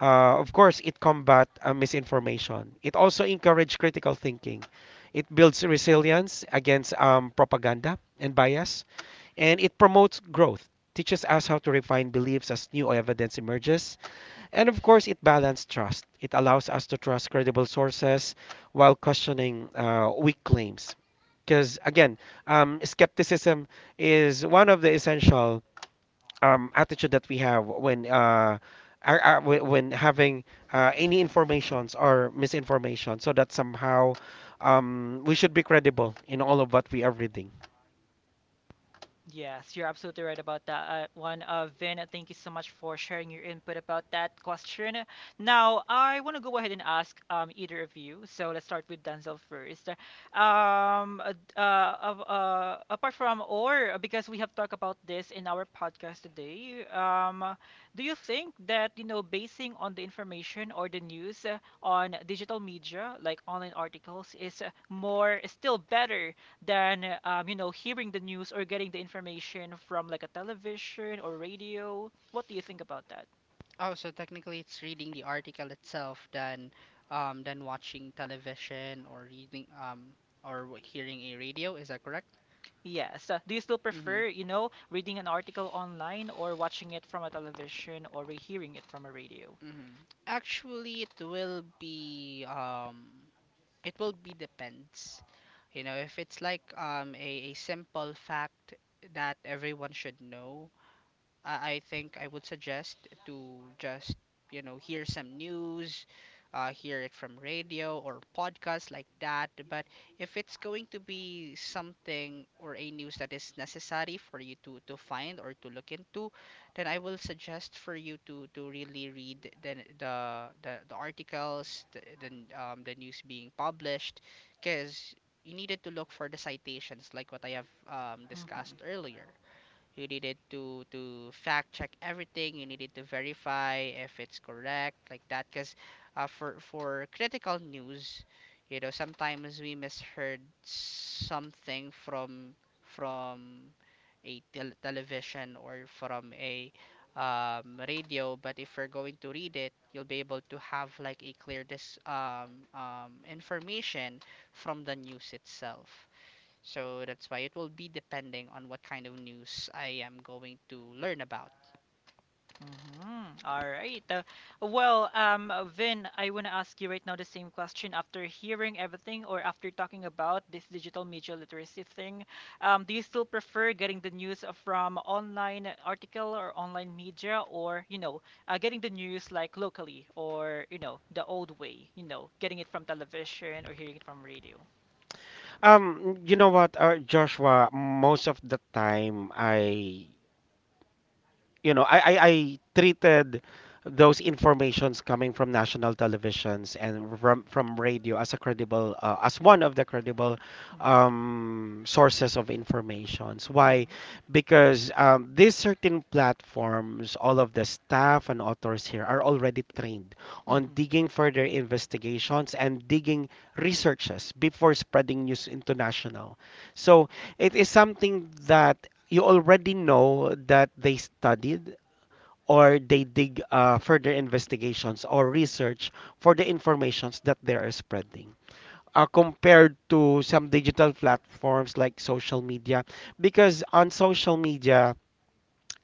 S2: Of course, it combat misinformation. It also encourage critical thinking. It builds resilience against propaganda and bias, and it promotes growth. Teaches us how to refine beliefs as new evidence emerges, and of course, it balanced trust. It allows us to trust credible sources while questioning weak claims. Because again, skepticism is one of the essential attitude that we have when are, when having any informations or misinformation, so that somehow we should be credible in all of what we are reading.
S1: Yes, you're absolutely right about that one. Vin, thank you so much for sharing your input about that question. Now, I want to go ahead and ask either of you. So let's start with Denzel first. Apart from, or because we have talked about this in our podcast today, do you think that, you know, basing on the information or the news on digital media, like online articles, is is still better than you know hearing the news or getting the information from like a television or radio? What do you think about that?
S3: Oh, so technically it's reading the article itself than watching television or reading hearing a radio, is that correct?
S1: Yes. Do you still
S3: Mm-hmm.
S1: prefer you know reading an article online or watching it from a television or hearing it from a radio?
S3: Mm-hmm. Actually, it will be depends. You know, if it's like a simple fact that everyone should know, I think I would suggest to just, you know, hear some news, hear it from radio or podcast like that. But if it's going to be something or a news that is necessary for you to find or to look into, then I will suggest for you to really read the articles, the news being published, because you needed to look for the citations like what I have
S1: Hmm.
S3: discussed earlier. You needed to fact check everything. You needed to verify if it's correct, like that. Because for critical news, you know, sometimes we misheard something from a television or from a radio. But if we're going to read it, you'll be able to have like a clear dis information from the news itself. So that's why it will be depending on what kind of news I am going to learn about.
S1: Mhm. All right. Well, Vin, I want to ask you right now the same question. After hearing everything or after talking about this digital media literacy thing, do you still prefer getting the news from online article or online media or, you know, getting the news like locally or, you know, the old way, you know, getting it from television or hearing it from radio?
S2: You know what, Joshua? Most of the time, I you know, I treated those informations coming from national televisions and from radio as a credible, as one of the credible
S1: Mhm.
S2: sources of informations. Why?
S1: Mhm.
S2: Because these certain platforms, all of the staff and authors here are already trained on
S1: Mhm.
S2: digging further investigations and digging researches before spreading news international. So it is something that you already know that they studied or they dig further investigations or research for the informations that they are spreading compared to some digital platforms like social media because on social media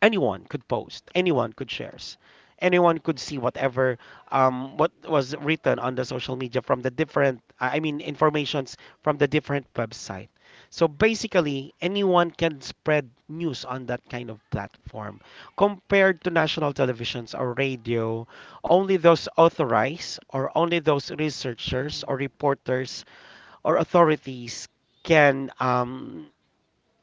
S2: anyone could post, anyone could shares, anyone could see whatever what was written on the social media from the different, I mean, informations from the different website. So basically, anyone can spread news on that kind of platform. Compared to national televisions or radio, only those authorized or only those researchers
S1: Mhm.
S2: or reporters or authorities can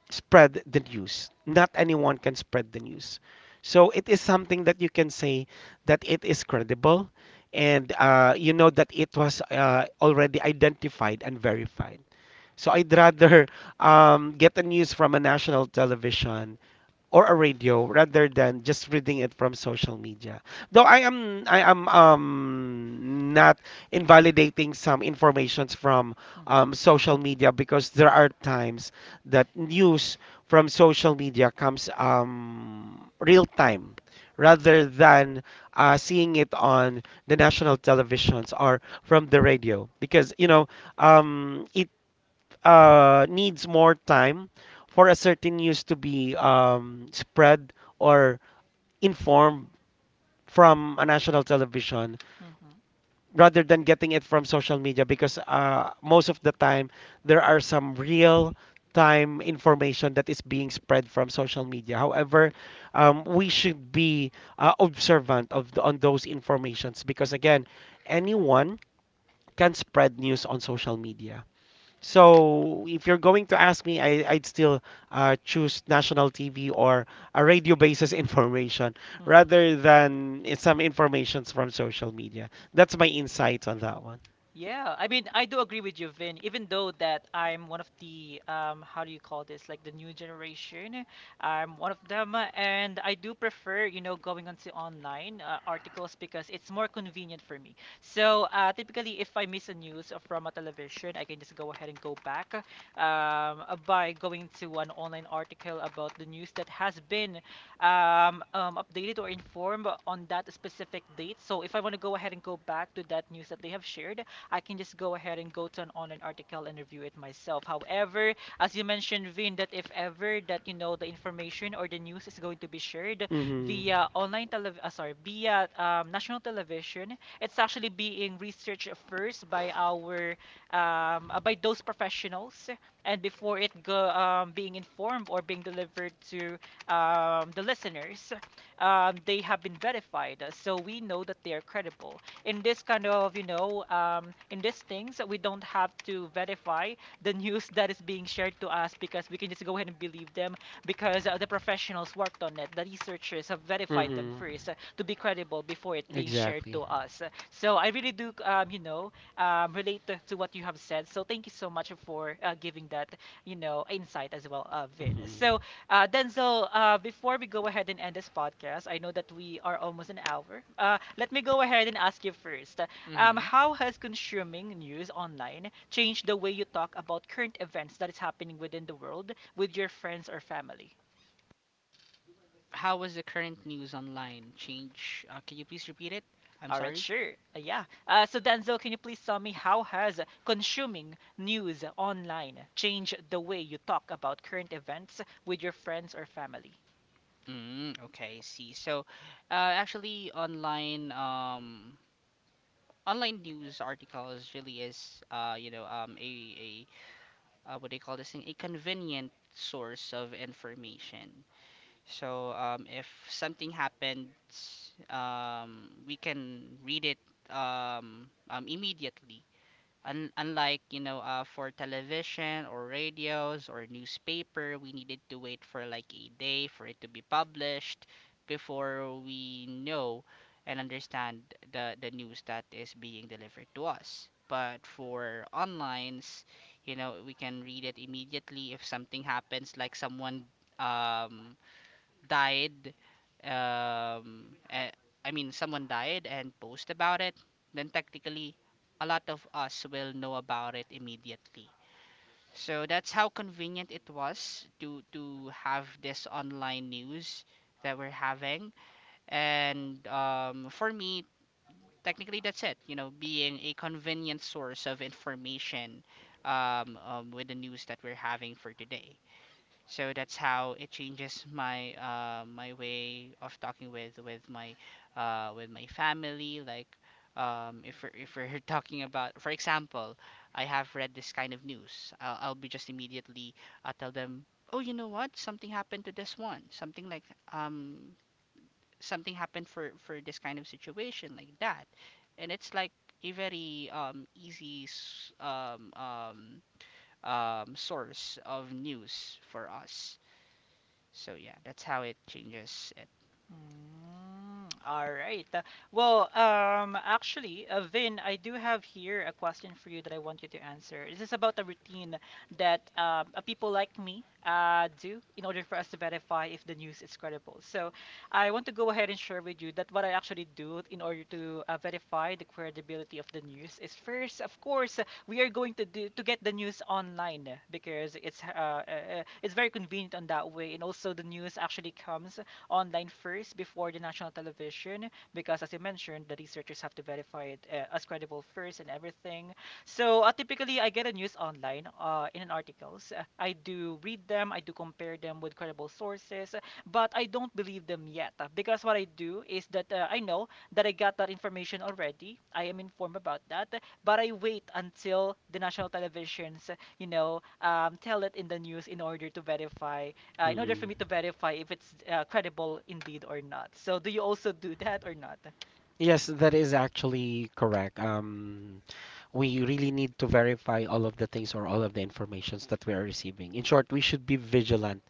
S2: spread the news. Not anyone can spread the news. So it is something that you can say that it is credible and you know that it was already identified and verified. So I'd rather get the news from a national television or a radio rather than just reading it from social media. Though I am not invalidating some informations from
S1: Mhm.
S2: social media because there are times that news from social media comes real time rather than seeing it on the national televisions or from the radio because you know it needs more time for a certain news to be spread or informed from a national television
S1: Mhm.
S2: rather than getting it from social media because most of the time there are some real time information that is being spread from social media. However, we should be observant of the, on those informations because again anyone can spread news on social media. So if you're going to ask me, I'd still choose national TV or a radio basis information
S1: Mhm.
S2: rather than some informations from social media. That's my insights on that one.
S1: Yeah, I mean, I do agree with you, Vin, even though that I'm one of the how do you call this? Like the new generation. I'm one of them, and I do prefer, you know, going onto online articles because it's more convenient for me. So, uh, typically if I miss a news from a television, I can just go ahead and go back by going to an online article about the news that has been updated or informed on that specific date. So if I want to go ahead and go back to that news that they have shared, I can just go ahead and go to an online article and review it myself. However, as you mentioned, Vin, that if ever that you know the information or the news is going to be shared
S2: Mm-hmm.
S1: via online telev sorry, via national television, it's actually being researched first by our by those professionals, and before it go being informed or being delivered to the listeners, they have been verified, so we know that they are credible in this kind of, you know, in these things we don't have to verify the news that is being shared to us, because we can just go ahead and believe them because, the professionals worked on it, the researchers have verified them
S2: Mm-hmm.
S1: first to be credible before it being shared to
S2: Exactly.
S1: us. So I really do, you know, relate to, what you have said. So thank you so much for giving that, you know, insight as well, Vin.
S2: Mm-hmm.
S1: So, Denzel, before we go ahead and end this podcast, I know that we are almost an hour. Let me go ahead and ask you first.
S3: Mm-hmm.
S1: How has consuming news online changed the way you talk about current events that is happening within the world with your friends or family?
S3: How was the current news online change? Can you please repeat it? I'm
S1: All right,
S3: sorry.
S1: sure. Yeah. So Denzel, can you please tell me how has consuming news online changed the way you talk about current events with your friends or family?
S3: Mm, okay, I see. So, actually, online news articles really is a what do you call this thing? A convenient source of information. So, if something happens, we can read it immediately. Un Unlike, you know, for television or radios or newspaper, we needed to wait for like a day for it to be published before we know and understand the news that is being delivered to us. But for onlines, you know, we can read it immediately if something happens, like someone um, died um eh, I mean someone died and post about it, then technically a lot of us will know about it immediately. So that's how convenient it was to have this online news that we're having. And for me, technically, that's it, you know, being a convenient source of information with the news that we're having for today. So that's how it changes my my way of talking with with my family. Like if we're talking about, for example, I have read this kind of news. I'll be just immediately tell them, oh, you know what? Something happened to this one. Something like um something happened for this kind of situation, like that, and it's like a very source of news for us. So yeah, that's how it changes it.
S1: Mm, all right. Well, actually, Vin, I do have here a question for you that I want you to answer. This is about a routine that people like me do in order for us to verify if the news is credible. So, I want to go ahead and share with you that what I actually do in order to, verify the credibility of the news is first, of course, we are going to do to get the news online because it's very convenient on that way, and also the news actually comes online first before the national television because, as you mentioned, the researchers have to verify it as credible first and everything. So, typically I get the news online in an articles. I do read them, I do compare them with credible sources, but I don't believe them yet, because what I do is that, I know that I got that information already. I am informed about that, but I wait until the national televisions, you know, tell it in the news in order to verify, in order
S2: Mm-hmm.
S1: for me to verify if it's credible indeed or not. So, do you also do that or not?
S2: Yes, that is actually correct. We really need to verify all of the things or all of the informations that we are receiving. In short, we should be vigilant.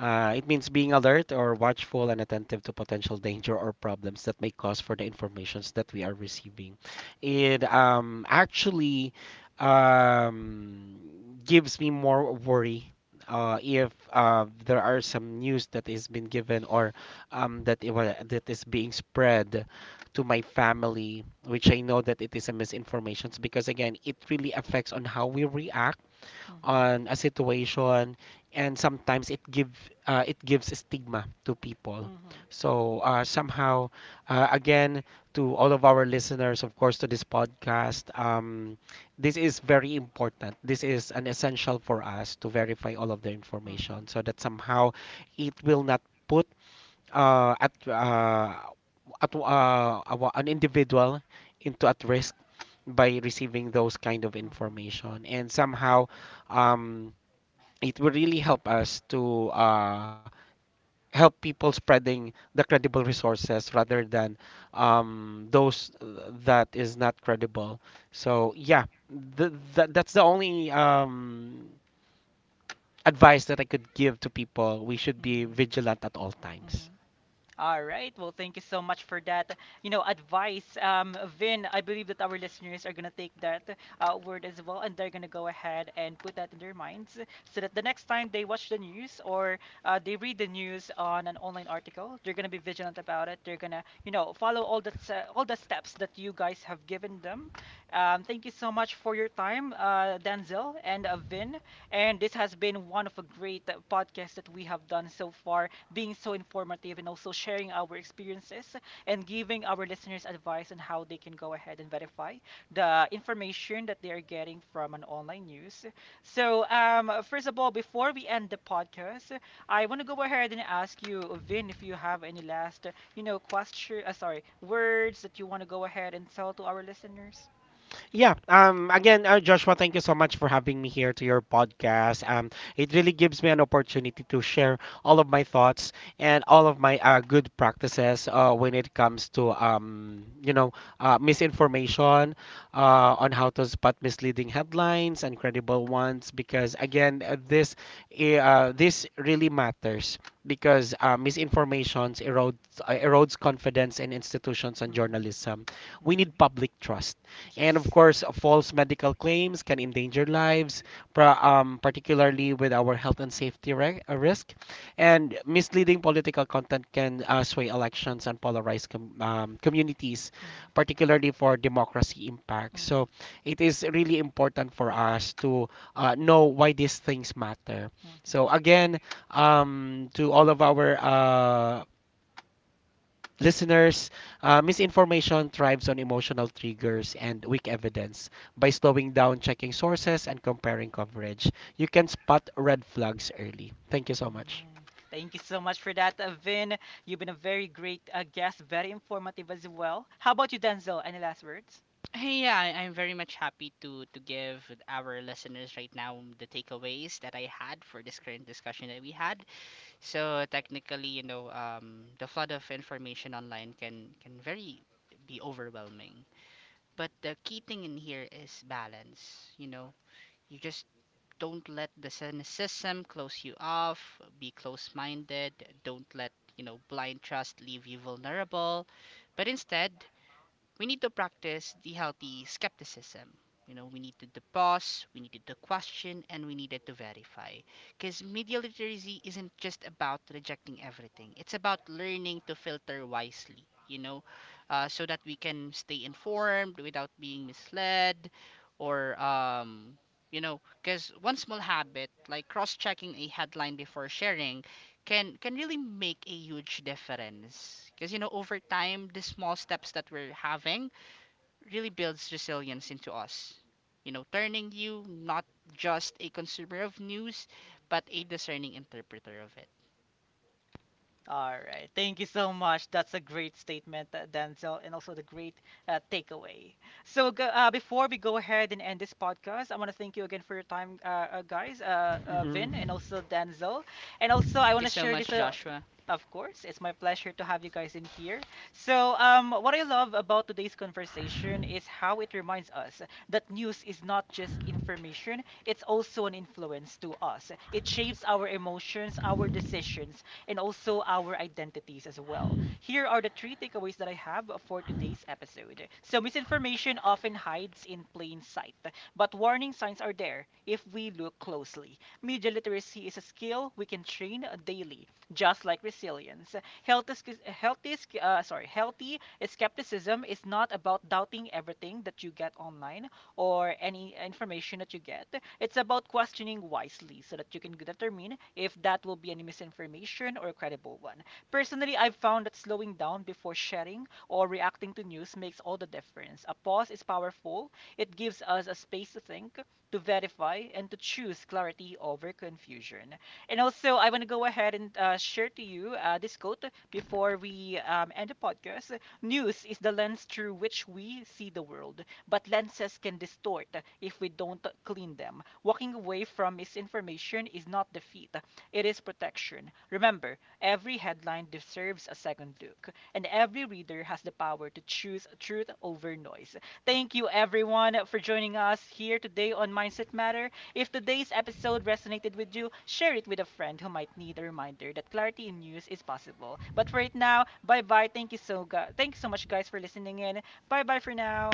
S2: It means being alert or watchful and attentive to potential danger or problems that may cause for the informations that we are receiving. It actually um, gives me more worry if there are some news that is being given or that is being spread to my family, which I know that it is a misinformation because again, it really affects on how we react
S1: Mm-hmm.
S2: on a situation and sometimes it gives stigma to people.
S1: Mm-hmm.
S2: So somehow, again, to all of our listeners of course to this podcast, this is very important, this is an essential for us to verify all of the
S1: Mm-hmm.
S2: information so that somehow it will not put uh, at uh, an individual into at risk by receiving those kind of
S1: Mm-hmm.
S2: information, and
S1: Mm-hmm.
S2: somehow um, it will really help us to help people spreading the credible resources rather than those that is not credible. So yeah, that that's the only advice that I could give to people. We should be
S1: Mm-hmm.
S2: vigilant at all
S1: Mm-hmm.
S2: times.
S1: All right. Well, thank you so much for that, you know, advice. Vin, I believe that our listeners are gonna take that word as well, and they're gonna go ahead and put that in their minds so that the next time they watch the news, or they read the news on an online article, they're gonna be vigilant about it. They're gonna, you know, follow all the all the steps that you guys have given them. Thank you so much for your time, Denzel, and Vin. And this has been one of a great podcast that we have done so far, being so informative and also sharing our experiences and giving our listeners advice on how they can go ahead and verify the information that they are getting from an online news. So, first of all, before we end the podcast, I want to go ahead and ask you, Vin, if you have any last, you know, sorry, words that you want to go ahead and tell to our listeners.
S2: Yeah. Again, Joshua, thank you so much for having me here to your podcast. It really gives me an opportunity to share all of my thoughts and all of my good practices when it comes to. You know, misinformation, on how to spot misleading headlines and credible ones. Because again, this really matters because misinformation erodes confidence in institutions and
S1: Hmm.
S2: journalism. We need
S1: Hmm.
S2: public trust, and of
S1: Yes.
S2: course, false medical claims can endanger lives, particularly with our health and safety risk. And misleading political content can sway elections and polarize communities,
S1: Hmm.
S2: particularly for democracy impact. So it is really important for us to know why these things matter.
S1: Hmm.
S2: So again, to all of our Listeners, misinformation thrives on emotional triggers and weak evidence. By slowing down, checking sources, and comparing coverage, you can spot red flags early. Thank you so much.
S1: Mm. Thank you so much for that, Vin. You've been a very great guest, very informative as well. How about you, Denzel? Any last words?
S3: Hey. Yeah, I'm very much happy to give our listeners right now the takeaways that I had for this current discussion that we had. So technically, you know, the flood of information online can very be overwhelming. But the key thing in here is balance. You know, you just don't let the cynicism close you off. Be close-minded. Don't let, you know, blind trust leave you vulnerable. But instead, we need to practice the healthy skepticism. You know, we needed to pause, we needed to question, and we needed to verify. Because media literacy isn't just about rejecting everything, it's about learning to filter wisely, you know, so that we can stay informed without being misled or, you know, because one small habit, like cross checking a headline before sharing, can really make a huge difference, because you know, over time the small steps that we're having really builds resilience into us, you know, turning you not just a consumer of news, but a discerning interpreter of it.
S1: All right. Thank you so much. That's a great statement, Denzel, and also the great takeaway. So, before we go ahead and end this podcast, I want to thank you again for your time, guys,
S2: Mhm.
S1: Vin, and also Denzel. And also, I
S3: Thank you
S1: want to
S3: so
S1: share this.
S3: much, Joshua.
S1: Of course, it's my pleasure to have you guys in here. So, what I love about today's conversation is how it reminds us that news is not just information, it's also an influence to us. It shapes our emotions, our decisions, and also our identities as well. Here are the three takeaways that I have for today's episode. So, misinformation often hides in plain sight, but warning signs are there if we look closely. Media literacy is a skill we can train daily, just like resilience. Healthy, healthy, sorry, healthy skepticism is not about doubting everything that you get online, or any information that you get. It's about questioning wisely so that you can determine if that will be any misinformation or a credible one. Personally, I've found that slowing down before sharing or reacting to news makes all the difference. A pause is powerful. It gives us a space to think, to verify, and to choose clarity over confusion. And also, I want to go ahead and share to you this quote before we end the podcast. News is the lens through which we see the world, but lenses can distort if we don't clean them. Walking away from misinformation is not defeat, it is protection. Remember, every headline deserves a second look, and every reader has the power to choose truth over noise. Thank you, everyone, for joining us here today on Mindset Matter. If today's episode resonated with you, share it with a friend who might need a reminder that clarity in news is possible. But for right now, bye bye. Thank you thank you so much, guys, for listening in. Bye bye for now.